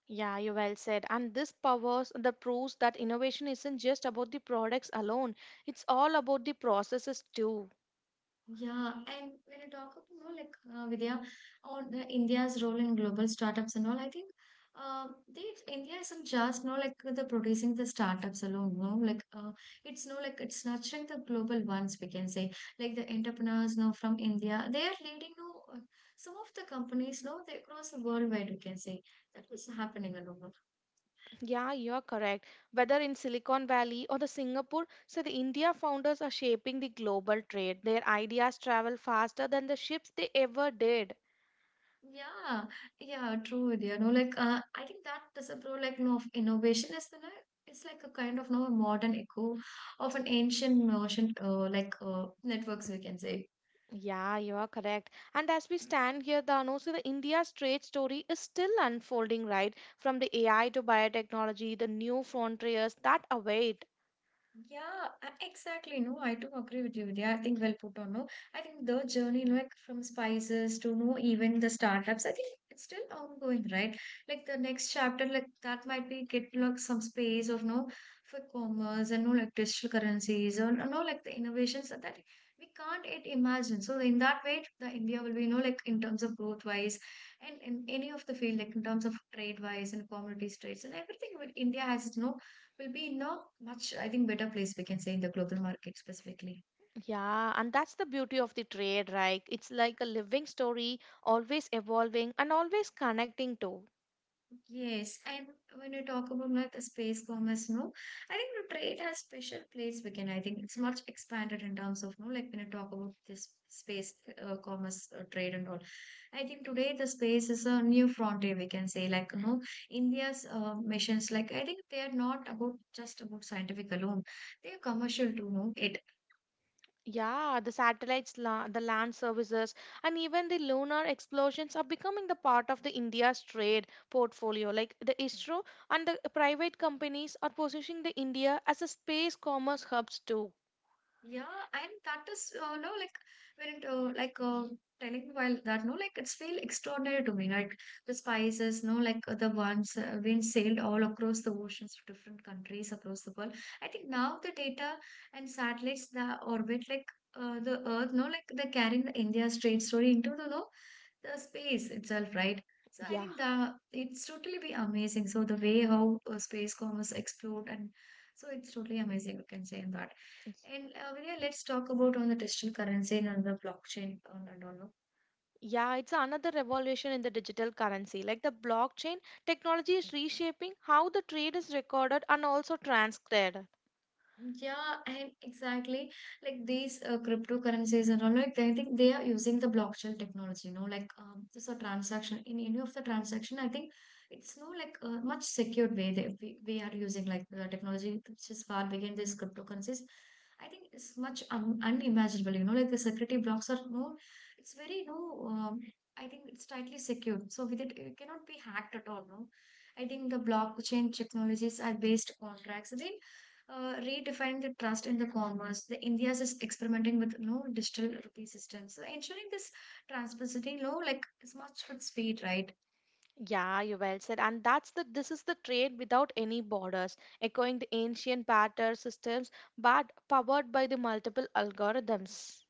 Speaker 2: Yeah, you well said. And this powers the proves that innovation isn't just about the products alone. It's all about the processes too.
Speaker 1: Yeah, and when I talk about more like uh, Vidya or the India's role in global startups and all, I think uh, they India isn't just no like the producing the startups alone, no like uh, it's no like it's nurturing the global ones, we can say, like the entrepreneurs no from India they are leading no uh, some of the companies no they across the worldwide, we can say. That is happening alone.
Speaker 2: Yeah, you're correct. Whether in Silicon Valley or the Singapore, so the India founders are shaping the global trade. Their ideas travel faster than the ships they ever did.
Speaker 1: Yeah, yeah, true, dear. No, like uh, I think that disapproval, like no, of innovation is the like, it's like a kind of no modern echo of an ancient notion, uh, like uh, networks we can say.
Speaker 2: Yeah, you are correct. And as we stand here, Danu, so the India's trade story is still unfolding, right? From the A I to biotechnology, the new frontiers that await.
Speaker 1: Yeah, a- exactly. No, I do agree with you. Yeah, I think well put on. No, I think the journey, like from spices to no, even the startups, I think it's still ongoing, right? Like the next chapter, like that might be get like some space of no for commerce and no like digital currencies or no like the innovations that that we can't yet imagine. So in that way, the India will be no like in terms of growth wise and in any of the field, like in terms of trade wise and commodities trades and everything. India has no will be in a much, I think, better place, we can say, in the global market specifically.
Speaker 2: Yeah, and that's the beauty of the trade, right? It's like a living story, always evolving and always connecting to.
Speaker 1: Yes, and when you talk about like the space commerce, no, I think the trade has special place. We can, I think, it's much expanded in terms of, no, like when you talk about this space uh, commerce uh, trade and all. I think today the space is a new frontier. We can say, like, you know, India's uh, missions, like I think they are not about just about scientific alone. They are commercial too. No, it.
Speaker 2: Yeah, the satellites, la- the land services, and even the lunar explosions are becoming the part of the India's trade portfolio. Like the isro and the private companies are positioning the India as a space commerce hubs too.
Speaker 1: Yeah, and that is uh, no like when it, uh, like um telling while that no like it's feel extraordinary to me, right? The spices no like uh, the ones uh, being sailed all across the oceans to different countries across the world. I think now the data and satellites that orbit like uh, the earth no like they're carrying the India straight story into the no the space itself, right? So I
Speaker 2: Yeah,
Speaker 1: think that it's totally be amazing. So the way how uh, space commerce explored and so it's totally amazing. We can say in that. And uh, Vidya, let's talk about on the digital currency and on the blockchain and, and all.
Speaker 2: yeah, it's another revolution in the digital currency. Like the blockchain technology is reshaping how the trade is recorded and also transcribed.
Speaker 1: Yeah, and exactly like these uh, cryptocurrencies and all like I think they are using the blockchain technology, you know, like um, this a transaction in any of the transaction. I think it's no like a much secured way that we, we are using like the technology which is far beyond these cryptocurrencies. I think it's much un unimaginable, you know, like the security blocks are no, it's very no. Um, I think it's tightly secured, so with it, it cannot be hacked at all. No, I think the blockchain technologies are based contracts. They uh, redefine the trust in the commerce. The India is experimenting with no digital rupee systems, so ensuring this transparency, you know, like is much with speed, right?
Speaker 2: Yeah, you well said. And that's the this is the trade without any borders, echoing the ancient barter systems, but powered by the multiple algorithms.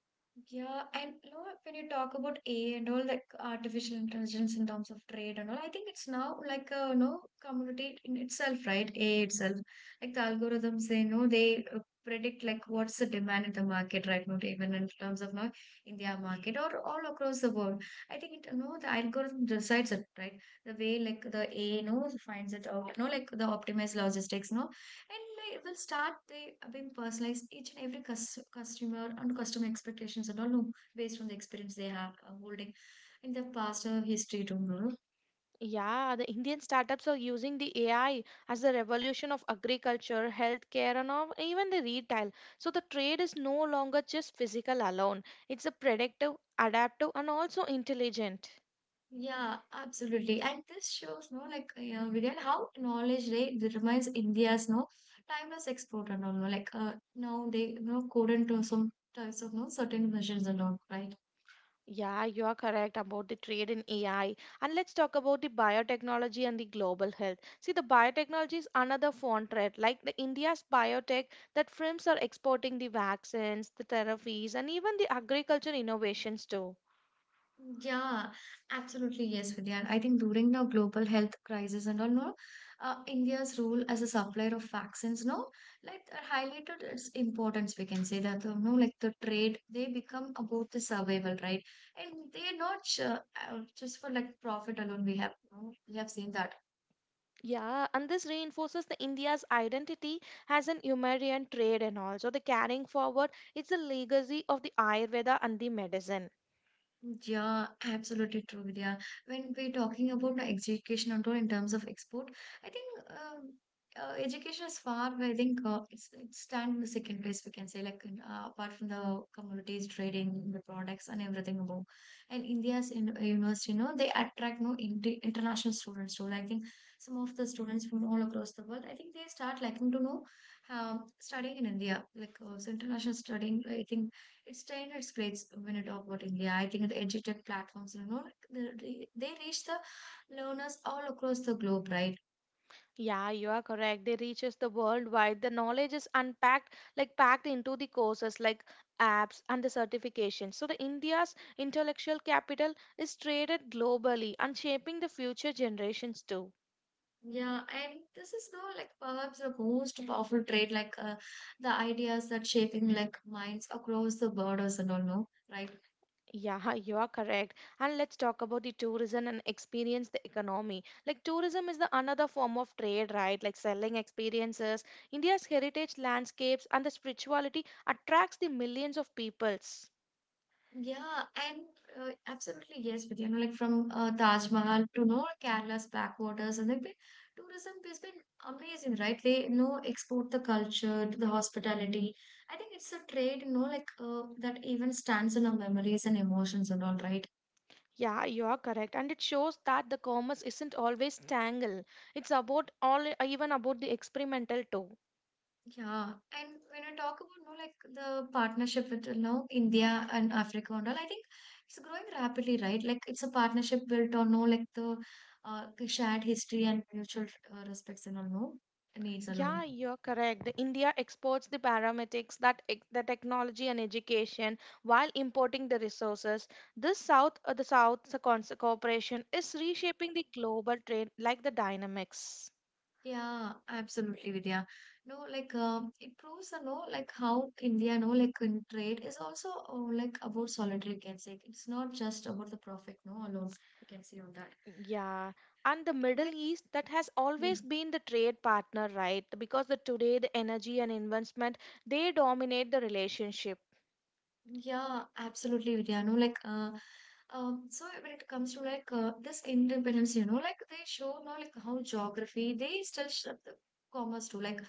Speaker 1: Yeah, and you know, when you talk about A I and all like artificial intelligence in terms of trade and all, I think it's now like a you know community in itself, right? A I itself, like the algorithms, they know they uh, predict like what's the demand in the market right now, even in terms of now India market or all across the world. I think it, you know the algorithm decides it, right? The way like the A I knows finds it out, you know, like the optimized logistics, no and like, will start the, being personalized each and every cus customer and customer expectations and all no, based on the experience they have uh, holding in the past uh, history to know.
Speaker 2: Yeah, the Indian startups are using the A I as the revolution of agriculture, healthcare, and of- even the retail. So the trade is no longer just physical alone. It's a predictive, adaptive, and also intelligent.
Speaker 1: Yeah, absolutely. And this shows, no, like, uh, Vivian, how knowledge they determines India's, no, timeless export and all, no, like, uh, now they, you know, code into some types of, no, certain measures and all, right?
Speaker 2: Yeah, you are correct about the trade in A I. And let's talk about the biotechnology and the global health. See, the biotechnology is another foreign threat, like the India's biotech that firms are exporting the vaccines, the therapies, and even the agriculture innovations too.
Speaker 1: Yeah, absolutely. Yes, Vidya. I think during the global health crisis and all, no, uh, India's role as a supplier of vaccines, no, like uh, highlighted its importance. We can say that, uh, no, like the trade, they become about the survival, right? And they're not ju- uh, just for like profit alone. We have, no, we have seen that.
Speaker 2: Yeah, and this reinforces the India's identity as an humanitarian trade and also the carrying forward it's the legacy of the Ayurveda and the medicine.
Speaker 1: Yeah, absolutely true, Vidya. When we're talking about the educational role in terms of export, I think um, uh, education is far, I think uh, it's, it stands in the second place, we can say, like uh, apart from the commodities trading, the products, and everything above. And India's in, uh, university, you know, they attract no inter international students too. Like, I think some of the students from all across the world, I think they start liking to know um, studying in India, like also international studying. I think it's the Indian explains when you talk about India. I think the edutech platforms, you know, like, the- the- they reach the learners all across the globe, right?
Speaker 2: Yeah, you are correct. They reaches the worldwide. The knowledge is unpacked, like packed into the courses like apps and the certifications. So the India's intellectual capital is traded globally and shaping the future generations too.
Speaker 1: Yeah, and this is now like perhaps the most powerful trait, like uh, the ideas that shaping like minds across the borders and all, no, right?
Speaker 2: Yeah, you are correct. And let's talk about the tourism and experience the economy. Like tourism is the another form of trade, right? Like selling experiences. India's heritage landscapes and the spirituality attracts the millions of peoples.
Speaker 1: Yeah, and uh, absolutely yes, with you know, like from uh, Taj Mahal to know Kerala's backwaters, and like the tourism has been amazing, right? They you know export the culture to the hospitality. I think it's a trade, you know, like uh, that even stands in our memories and emotions and all, right?
Speaker 2: Yeah, you are correct. And it shows that the commerce isn't always tangle. It's about all, even about the experimental too.
Speaker 1: Yeah, and when I talk about no like the partnership with you know India and Africa and all, I think it's growing rapidly, right? Like it's a partnership built on no like the uh, the shared history and mutual uh, respects and all no needs
Speaker 2: Yeah,
Speaker 1: alone.
Speaker 2: you're correct. The India exports the paramedics, that ex- the technology and education, while importing the resources. This South, uh, the South the cons- cooperation is reshaping the global trade like the dynamics.
Speaker 1: Yeah, absolutely, Vidya. No, like um, it proves uh, no like how India no like in trade is also oh, like about solidarity. You can say it's not just about the profit no alone. You can see on that.
Speaker 2: Yeah, and the
Speaker 1: And
Speaker 2: Middle East that has
Speaker 1: let-.
Speaker 2: always been the trade partner, right? Because the today the energy and investment they dominate the relationship.
Speaker 1: Yeah, absolutely, Vidya. No, like, uh, um, so when it comes to like uh, this independence, you know, like they show now like how geography they still shape the commerce too, like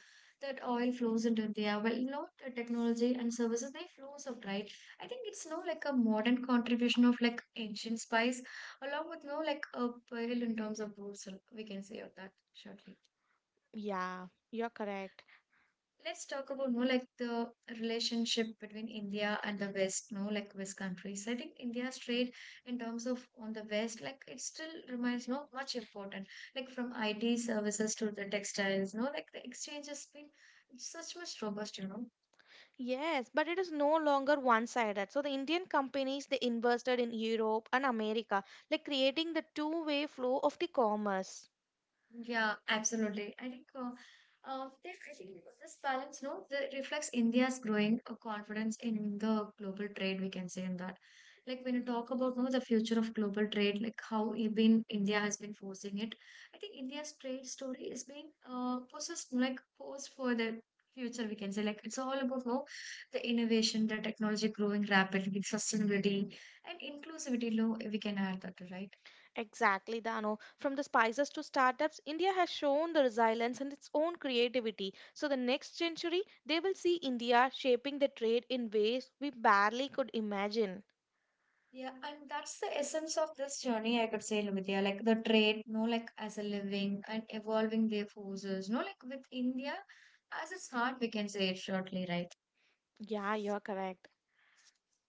Speaker 1: that oil flows into India. Well, you know, the technology and services they flows out, right? I think it's no like a modern contribution of like ancient spice, along with no like a pearl in terms of roots. uh, We can say of that shortly.
Speaker 2: Yeah, you're correct.
Speaker 1: Let's talk about no like the relationship between India and the West, no like West countries. I think India's trade in terms of on the West, like it still remains no much important. Like from I T services to the textiles, no like the exchange has been such much robust, you know.
Speaker 2: Yes, but it is no longer one-sided. So the Indian companies they invested in Europe and America, like creating the two-way flow of the commerce.
Speaker 1: Yeah, absolutely. I think uh, uh, that I think this balance, no, the reflects India's growing uh, confidence in the global trade. We can say in that, like when you talk about no, the future of global trade, like how it been India has been forcing it. I think India's trade story is being uh, possessed like posed for the future. We can say like it's all about no, the innovation, the technology growing rapidly, sustainability, and inclusivity. Low, we can add that, right?
Speaker 2: Exactly, Dano. From the spices to startups, India has shown the resilience and its own creativity. So the next century, they will see India shaping the trade in ways we barely could imagine.
Speaker 1: Yeah, and that's the essence of this journey, I could say, Lumitia, like the trade, no, like as a living and evolving their forces, no, like with India as its heart, we can say it shortly, right?
Speaker 2: Yeah, you're correct.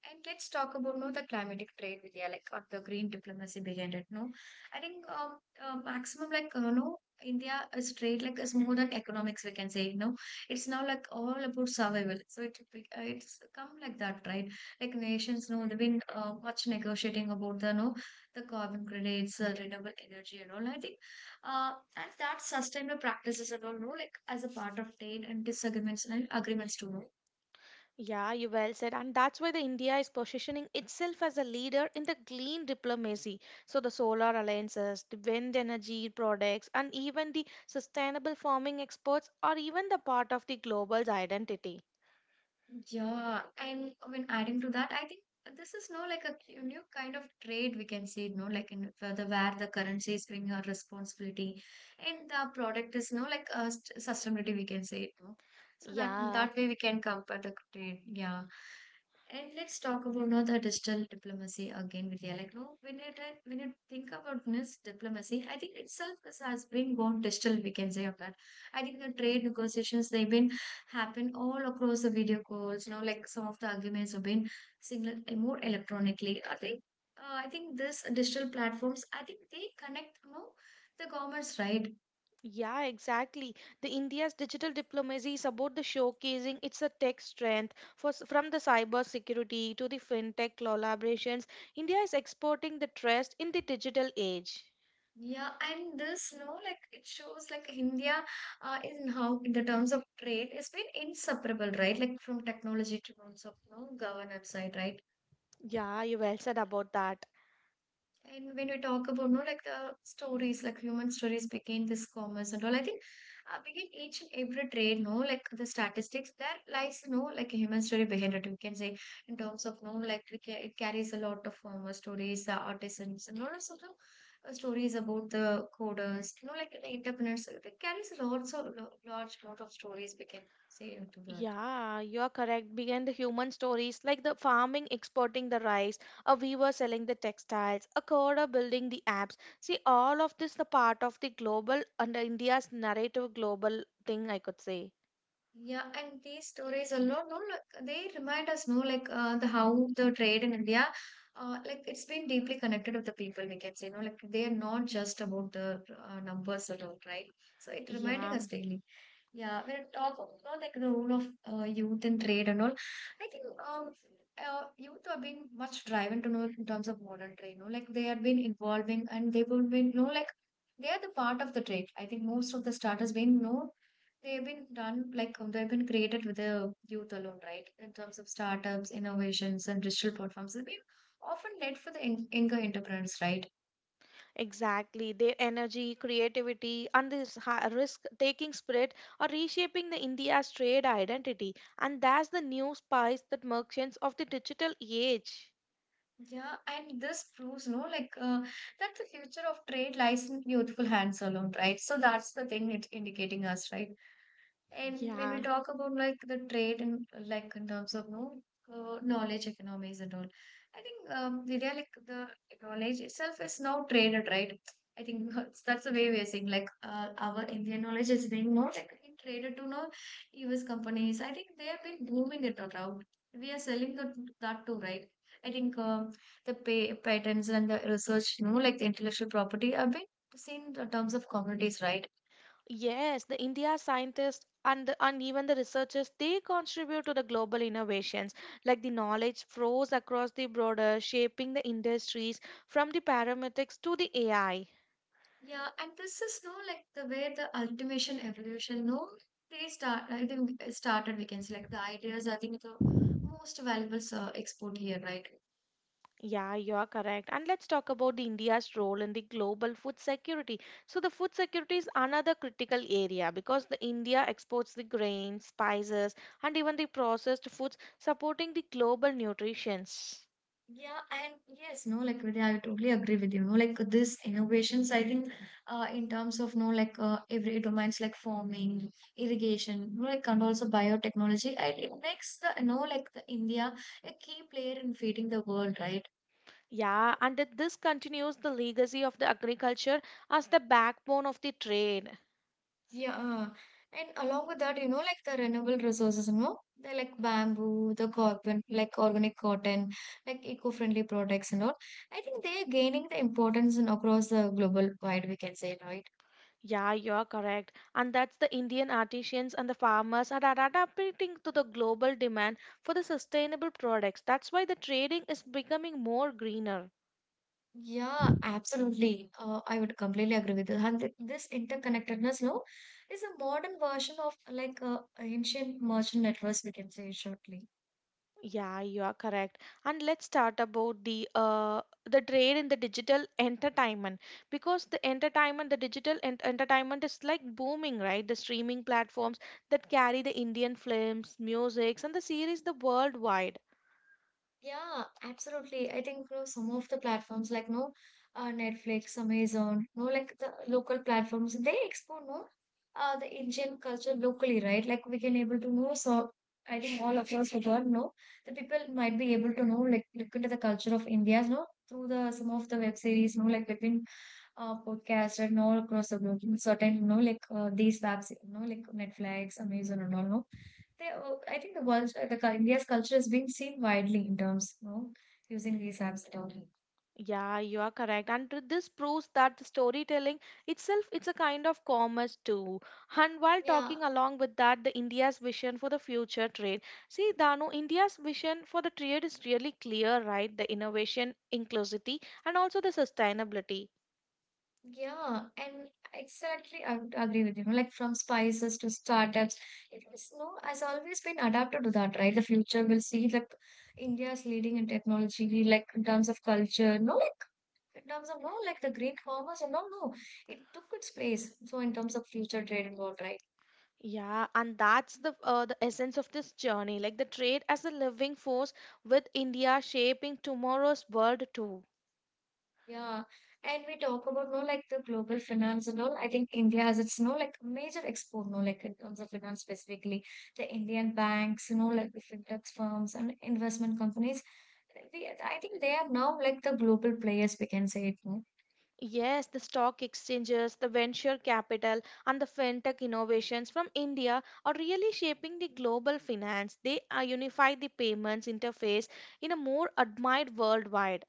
Speaker 1: And let's talk about no the climatic trade, Vidya, like or the green diplomacy behind it. No, I think um, uh, maximum like uh, no India is trade like is more than economics. We can say no, it's now like all about survival. So it be- uh, it's come like that, right? Like nations, no, they've been uh, much negotiating about the no the carbon credits, uh, renewable energy, and all. I think, uh, and that sustainable practices and all, no, like as a part of trade and disagreements and agreements too. No.
Speaker 2: Yeah, you well said. And that's why the India is positioning itself as a leader in the green diplomacy. So the solar alliances, the wind energy products, and even the sustainable farming exports are even the part of the global's identity.
Speaker 1: Yeah, and I mean adding to that, I think this is no like a cu- new kind of trade we can see, no, like in for the where the currency is being a responsibility and the product is no like a st- sustainability we can say no. So that
Speaker 2: Yeah.
Speaker 1: that way we can compare the trade, yeah. And let's talk about now the digital diplomacy again, Vidya. Like, no, when you try- when you think about this diplomacy, I think itself is, has been gone digital. We can say of that. I think the trade negotiations they've been happen all across the video calls. You know, like some of the arguments have been signaled more electronically. I think, uh, I think this digital platforms, I think they connect, you know, the governments, right?
Speaker 2: Yeah, exactly. The India's digital diplomacy is about the showcasing its a tech strength for, s- from the cyber security to the fintech collaborations. India is exporting the trust in the digital age.
Speaker 1: Yeah, and this, you know, like it shows like India uh, in how in the terms of trade has been inseparable, right? Like from technology to terms of you know governance side, right?
Speaker 2: Yeah, you well said about that.
Speaker 1: And when we talk about no like the stories, like human stories begin this commerce and all, I think uh, begin each and every trade, no, like the statistics, there lies no like a human story behind it. We can say in terms of no, like it ca- it carries a lot of um, uh, stories, uh, artisans, and all of sort of uh, stories about the coders, you know, like the entrepreneurs. It carries lots of lo- large lot of stories. We can say into that.
Speaker 2: Yeah, you're correct. Behind the human stories, like the farming exporting the rice, a weaver selling the textiles, a coder building the apps. See, all of this the part of the global under India's narrative global thing, I could say.
Speaker 1: Yeah, and these stories alone, no, like they remind us, no, like uh, the how the trade in India, uh, like it's been deeply connected with the people. We can say, no, like they are not just about the uh, numbers at all, right? So it reminding
Speaker 2: Yeah,
Speaker 1: us daily. Yeah, we it talk about no, like the role of uh, youth in trade and all, I think um uh, youth have been much driven to know like, in terms of modern trade. No, like they have been involving and they would be no like they are the part of the trade. I think most of the starters been no. They've been done like um, they've been created with the youth alone, right? In terms of startups, innovations, and digital platforms, they've been often led for the young- younger entrepreneurs, right?
Speaker 2: exactly. Their energy, creativity, and this risk taking spirit are reshaping the India's trade identity, and that's the new spice that merchants of the digital age.
Speaker 1: Yeah, and this proves, no, like uh, that the future of trade lies in youthful hands alone, right? So that's the thing it's indicating us, right? And when we
Speaker 2: Yeah.
Speaker 1: talk about like the trade and like in terms of no uh, knowledge economies and all, I think um, Vidya, like the knowledge itself is now traded, right? I think that's, that's the way we are seeing like uh, our Indian knowledge is being more like being traded to now U S companies. I think they have been booming it around. We are selling that that too, right? I think um the pay, patents and the research, you know, like the intellectual property, have been seen in terms of commodities, right?
Speaker 2: Yes, the India scientists and, the, and even the researchers, they contribute to the global innovations. Like the knowledge flows across the border, shaping the industries from the paramedics to the A I.
Speaker 1: Yeah, and this is no like the way the ultimation evolution, no, they start. I think uh, started. We can say like the ideas. I think the most valuable uh, export here, right?
Speaker 2: Yeah, you're correct. And let's talk about the India's role in the global food security. So the food security is another critical area because the India exports the grains, spices, and even the processed foods, supporting the global nutrition.
Speaker 1: Yeah, and yes, no, like Vidya, I totally agree with you. No, like this innovations. I think, uh, in terms of no, like uh, every domains like farming, irrigation, no, like and also biotechnology. And it makes the no, like the India a key player in feeding the world, right?
Speaker 2: Yeah, and that this continues the legacy of the agriculture as the backbone of the trade.
Speaker 1: Yeah, uh, and along with that, you know, like the renewable resources, you know, they like bamboo, the carbon, like organic cotton, like eco-friendly products and all. I think they are gaining the importance in across the global wide, we can say, right?
Speaker 2: Yeah, you're correct. And that's the Indian artisans and the farmers are adapting to the global demand for the sustainable products. That's why the trading is becoming more greener.
Speaker 1: Yeah, absolutely. Uh, I would completely agree with that. And th- this interconnectedness, no, is a modern version of like uh, ancient merchant networks, we can say shortly.
Speaker 2: Yeah, you are correct. And let's start about the uh, the trade in the digital entertainment because the entertainment, the digital ent entertainment is like booming, right? The streaming platforms that carry the Indian films, musics, and the series the worldwide.
Speaker 1: Yeah, absolutely. I think you know, some of the platforms like no uh, Netflix, Amazon, no like the local platforms, they explore no uh, the Indian culture locally, right? Like we can able to know. So I think all across the world, no, the people might be able to know like look into the culture of India, no, through the some of the web series, no, like between uh, podcast and all across the globe, in certain, you know, like uh, these apps, you know, like Netflix, Amazon, and all, no, they, uh, I think the world, uh, the cul- India's culture is being seen widely in terms, you know, using these apps at all.
Speaker 2: Yeah, you are correct. And th- this proves that the storytelling itself it's a kind of commerce too. And while
Speaker 1: Yeah,
Speaker 2: talking along with that, the India's vision for the future trade. See, Danu, India's vision for the trade is really clear, right? The innovation, inclusivity, and also the sustainability.
Speaker 1: yeah, and exactly, I would agree with you, know, like from spices to startups, it is, no has always been adapted to that, right? The future will see like India's leading in technology, like in terms of culture, no, in terms of no like the Greek commerce and all no it took its place so in terms of future trade and all right
Speaker 2: Yeah, and that's the uh, the essence of this journey, like the trade as a living force with India shaping tomorrow's world too.
Speaker 1: yeah and we talk about no like the global finance and all I think India has its no like major export no like in terms of finance specifically the Indian banks you know like the fintech firms and investment companies we I think they are now like the global players we can say it no.
Speaker 2: Yes, the stock exchanges, the venture capital, and the fintech innovations from India are really shaping the global finance. They uh, unify the payments interface in a more admired worldwide.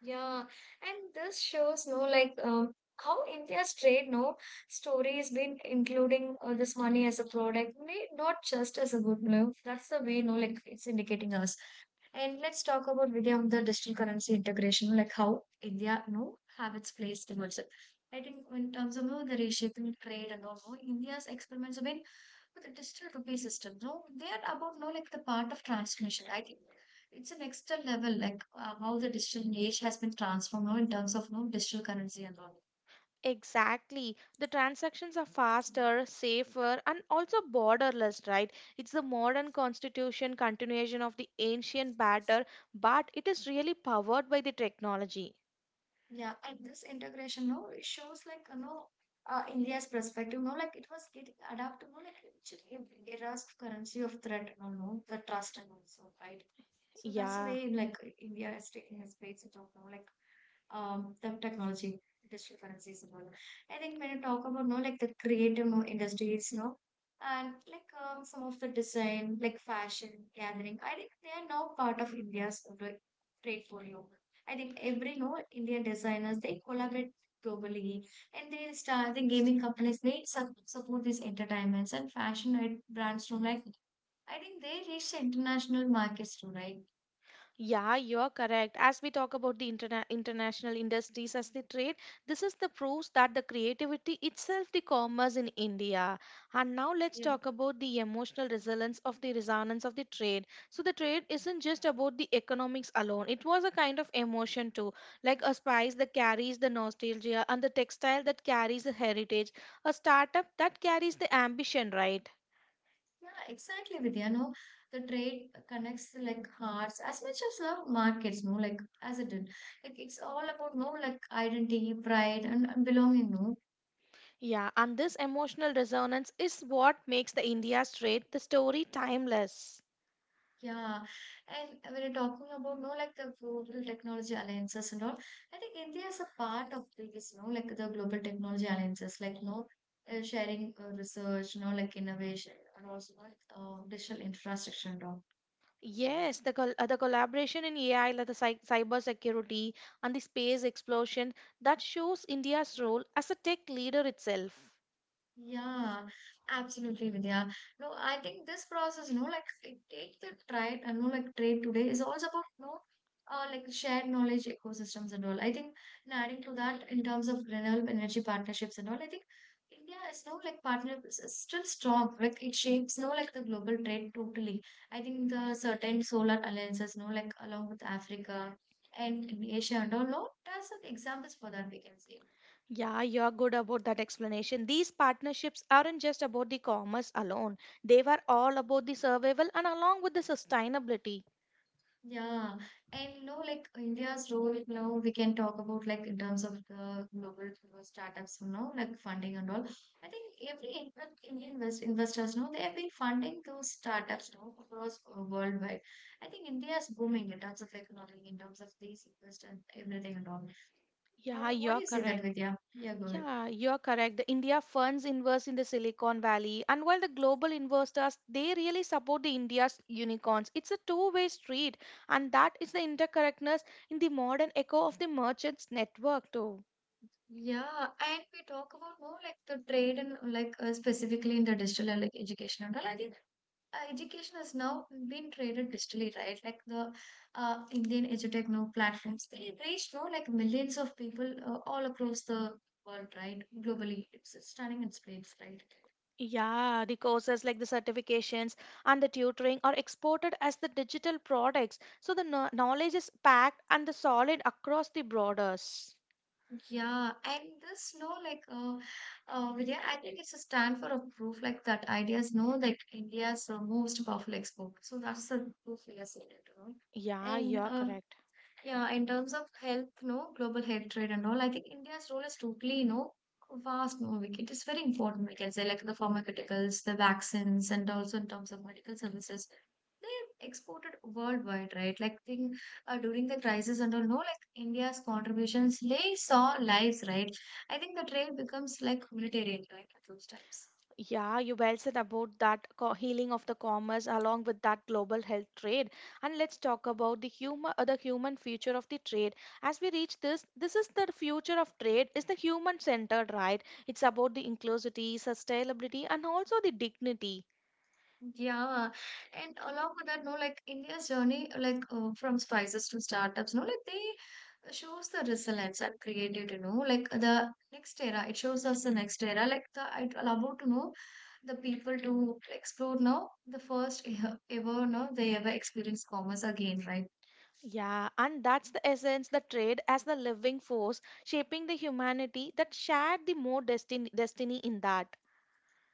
Speaker 1: Yeah, and this shows, no, like um, how India's trade, no, story has been including uh, this money as a product, may not just as a good, no. That's the way, no, like it's indicating us. And let's talk about Vidya on the digital currency integration, like how India, you know, have its place towards it. I think in terms of you know, the reshaping trade and all, no, India's experiments have been but the digital rupee system, no, they are about no like the part of transformation. I think it's an extra level, like uh, how the digital age has been transformed now in terms of no digital currency and all.
Speaker 2: Exactly. The transactions are faster, safer, and also borderless, right? It's the modern constitution continuation of the ancient batter, but it is really powered by the technology.
Speaker 1: Yeah, and this integration, no, it shows like you know, uh, India's perspective, no, like it was getting adapted, no, like it era's currency of threat, no, no, the trust and also, right? So that's the
Speaker 2: Yeah.
Speaker 1: way like India is taking its place to talk, no, like um the technology, digital currencies and all. I think when you talk about no, like the creative no industries, no, and like um, some of the design, like fashion gathering, I think they are now part of India's uh, like trade portfolio. I think every you know Indian designers they collaborate globally and they start the gaming companies they su- support these entertainments and fashion i- brands too. Like I think they reach the international markets too, right?
Speaker 2: Yeah, you're correct. As we talk about the interna- international industries as the trade, this is the proof that the creativity itself the commerce in India. And now let's
Speaker 1: Yeah,
Speaker 2: talk about the emotional resilience of the resonance of the trade. So the trade isn't just about the economics alone. It was a kind of emotion too, like a spice that carries the nostalgia and the textile that carries the heritage, a startup that carries the ambition, right?
Speaker 1: yeah, exactly. Vidya, you know, the trade connects like hearts as much as love markets. No, like as it did, like it's all about no like identity, pride, and, and belonging. No,
Speaker 2: Yeah, and this emotional resonance is what makes the India Strait the story timeless.
Speaker 1: yeah, and when you're talking about no like the global technology alliances and all, I think India is a part of these, you know, like the global technology alliances, like you know, uh, sharing uh, research, you know, like innovation and also like uh, digital infrastructure and all.
Speaker 2: Yes, the col- uh, the collaboration in A I, like the cy- cyber security and the space explosion, that shows India's role as a tech leader itself.
Speaker 1: Yeah, absolutely, Vidya. No, I think this process, you know, like it takes the trade, I know, like trade today is also about, you know, uh, like shared knowledge ecosystems and all. I think, and adding to that in terms of renewable energy partnerships and all, I think India is no like partnerships is still strong. Like it shapes, no, like the global trade totally. I think the certain solar alliances, no, like along with Africa and in Asia and all, no, there's some examples for that we can see.
Speaker 2: Yeah, you're good about that explanation. These partnerships aren't just about the commerce alone. They were all about the survival and along with the sustainability.
Speaker 1: Yeah, and no, like India's role now, we can talk about like in terms of the global startups, you know, like funding and all. I think every in- like, Indian invest investors know they have been funding those startups now across uh, worldwide. I think India is booming in terms of economy, in terms of these invest and everything and all. Or
Speaker 2: Yeah,
Speaker 1: what do
Speaker 2: you're
Speaker 1: you say that
Speaker 2: correct.
Speaker 1: with? Yeah, yeah, go ahead.
Speaker 2: Yeah, you're correct. The India funds invest in the Silicon Valley, and while the global investors they really support the India's unicorns. It's a two-way street, and that is the interconnectedness in the modern echo of the merchants network too.
Speaker 1: Yeah, and we talk about more like the trade and like uh, specifically in the digital and like education and all. I think uh, education has now been traded digitally, right? Like the uh, Indian edutech now platforms, they reach now like millions of people uh, all across the world, right? Globally, it's it's stunning its place, right?
Speaker 2: Yeah, the courses like the certifications and the tutoring are exported as the digital products, so the kno- knowledge is packed and the solid across the borders.
Speaker 1: Yeah, and this no like uh, uh Vidya, I think it's a stand for a proof like that ideas know like India's uh, most powerful export. So that's the proof we are seeing it, you know.
Speaker 2: Yeah,
Speaker 1: And
Speaker 2: you're
Speaker 1: uh,
Speaker 2: correct.
Speaker 1: Yeah, in terms of health, no, global health trade and all, I think India's role is totally, you know, vast, no, like it is very important, we can say, like the pharmaceuticals, the vaccines, and also in terms of medical services. They exported worldwide, right? Like thing, uh, during the crisis and all, no, like India's contributions, they saw lives, right? I think the trade becomes like humanitarian, right, at those times.
Speaker 2: Yeah, you well said about that co- healing of the commerce along with that global health trade. And let's talk about the human, uh, the human future of the trade. As we reach this, this is the future of trade. Is the human centered, right? It's about the inclusivity, sustainability, and also the dignity.
Speaker 1: Yeah, and along with that, no, like India's journey, like uh, from spices to startups, no, like they shows the resilience and creativity, you know, like the next era. It shows us the next era. Like the I'd allow to know the people to explore now the first e- ever no they ever experience commerce again, right?
Speaker 2: Yeah, and that's the essence, the trade as the living force shaping the humanity that shared the more destiny, destiny in that.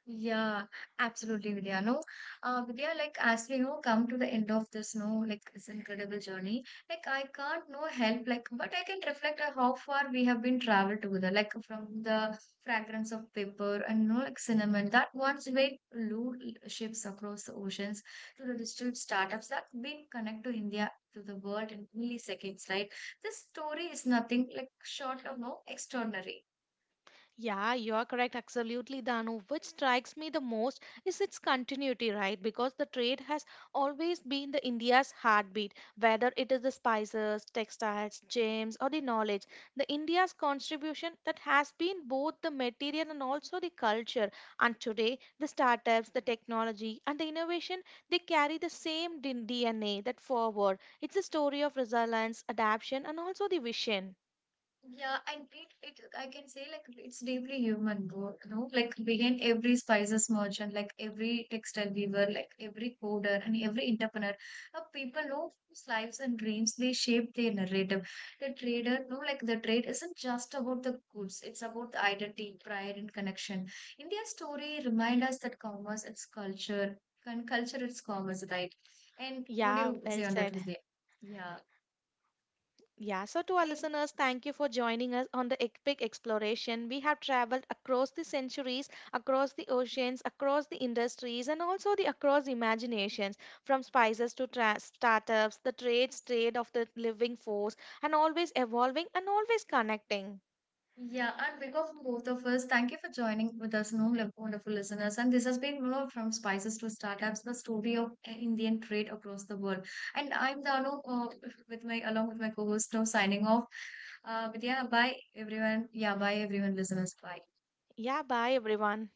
Speaker 1: Yeah, absolutely, Vidya. No, uh, Vidya, like as we know, come to the end of this, no, like this incredible journey. Like I can't no help, like, but I can reflect on how far we have been traveled together. Like from the fragrance of paper and no, like cinnamon that once weighed loot ships across the oceans to the digital startups that been connect to India to the world in milliseconds. Right, this story is nothing like short of no extraordinary.
Speaker 2: Yeah, you are correct. Absolutely, Danu. Which strikes me the most is its continuity, right? Because the trade has always been the India's heartbeat, whether it is the spices, textiles, gems, or the knowledge. The India's contribution that has been both the material and also the culture. And today, the startups, the technology, and the innovation they carry the same D- DNA that forward. It's a story of resilience, adaptation, and also the vision.
Speaker 1: Yeah, and it, it I can say like it's deeply human, bro, you know, like behind every spices merchant, like every textile weaver, like every coder and every entrepreneur, uh, people know whose lives and dreams they shape their narrative. The trader, no, like the trade isn't just about the goods, it's about the identity, pride, and connection. India's story remind us that commerce it's culture, and culture it's commerce, right? And what do
Speaker 2: Yeah,
Speaker 1: you
Speaker 2: well
Speaker 1: say on that,
Speaker 2: said.
Speaker 1: Vijay? Yeah.
Speaker 2: Yeah, so to our listeners, thank you for joining us on the epic exploration. We have traveled across the centuries, across the oceans, across the industries, and also the across imaginations, from spices to tra- startups, the trade, trade of the living force, and always evolving and always connecting.
Speaker 1: Yeah, on behalf of both of us, thank you for joining with us, no lo- wonderful listeners. And this has been more from spices to startups, the story of Indian trade across the world. And I'm Danu, uh, with my along with my co-host, now signing off. Uh, but yeah, bye everyone. Yeah, bye everyone, listeners. Bye.
Speaker 2: Yeah, bye everyone.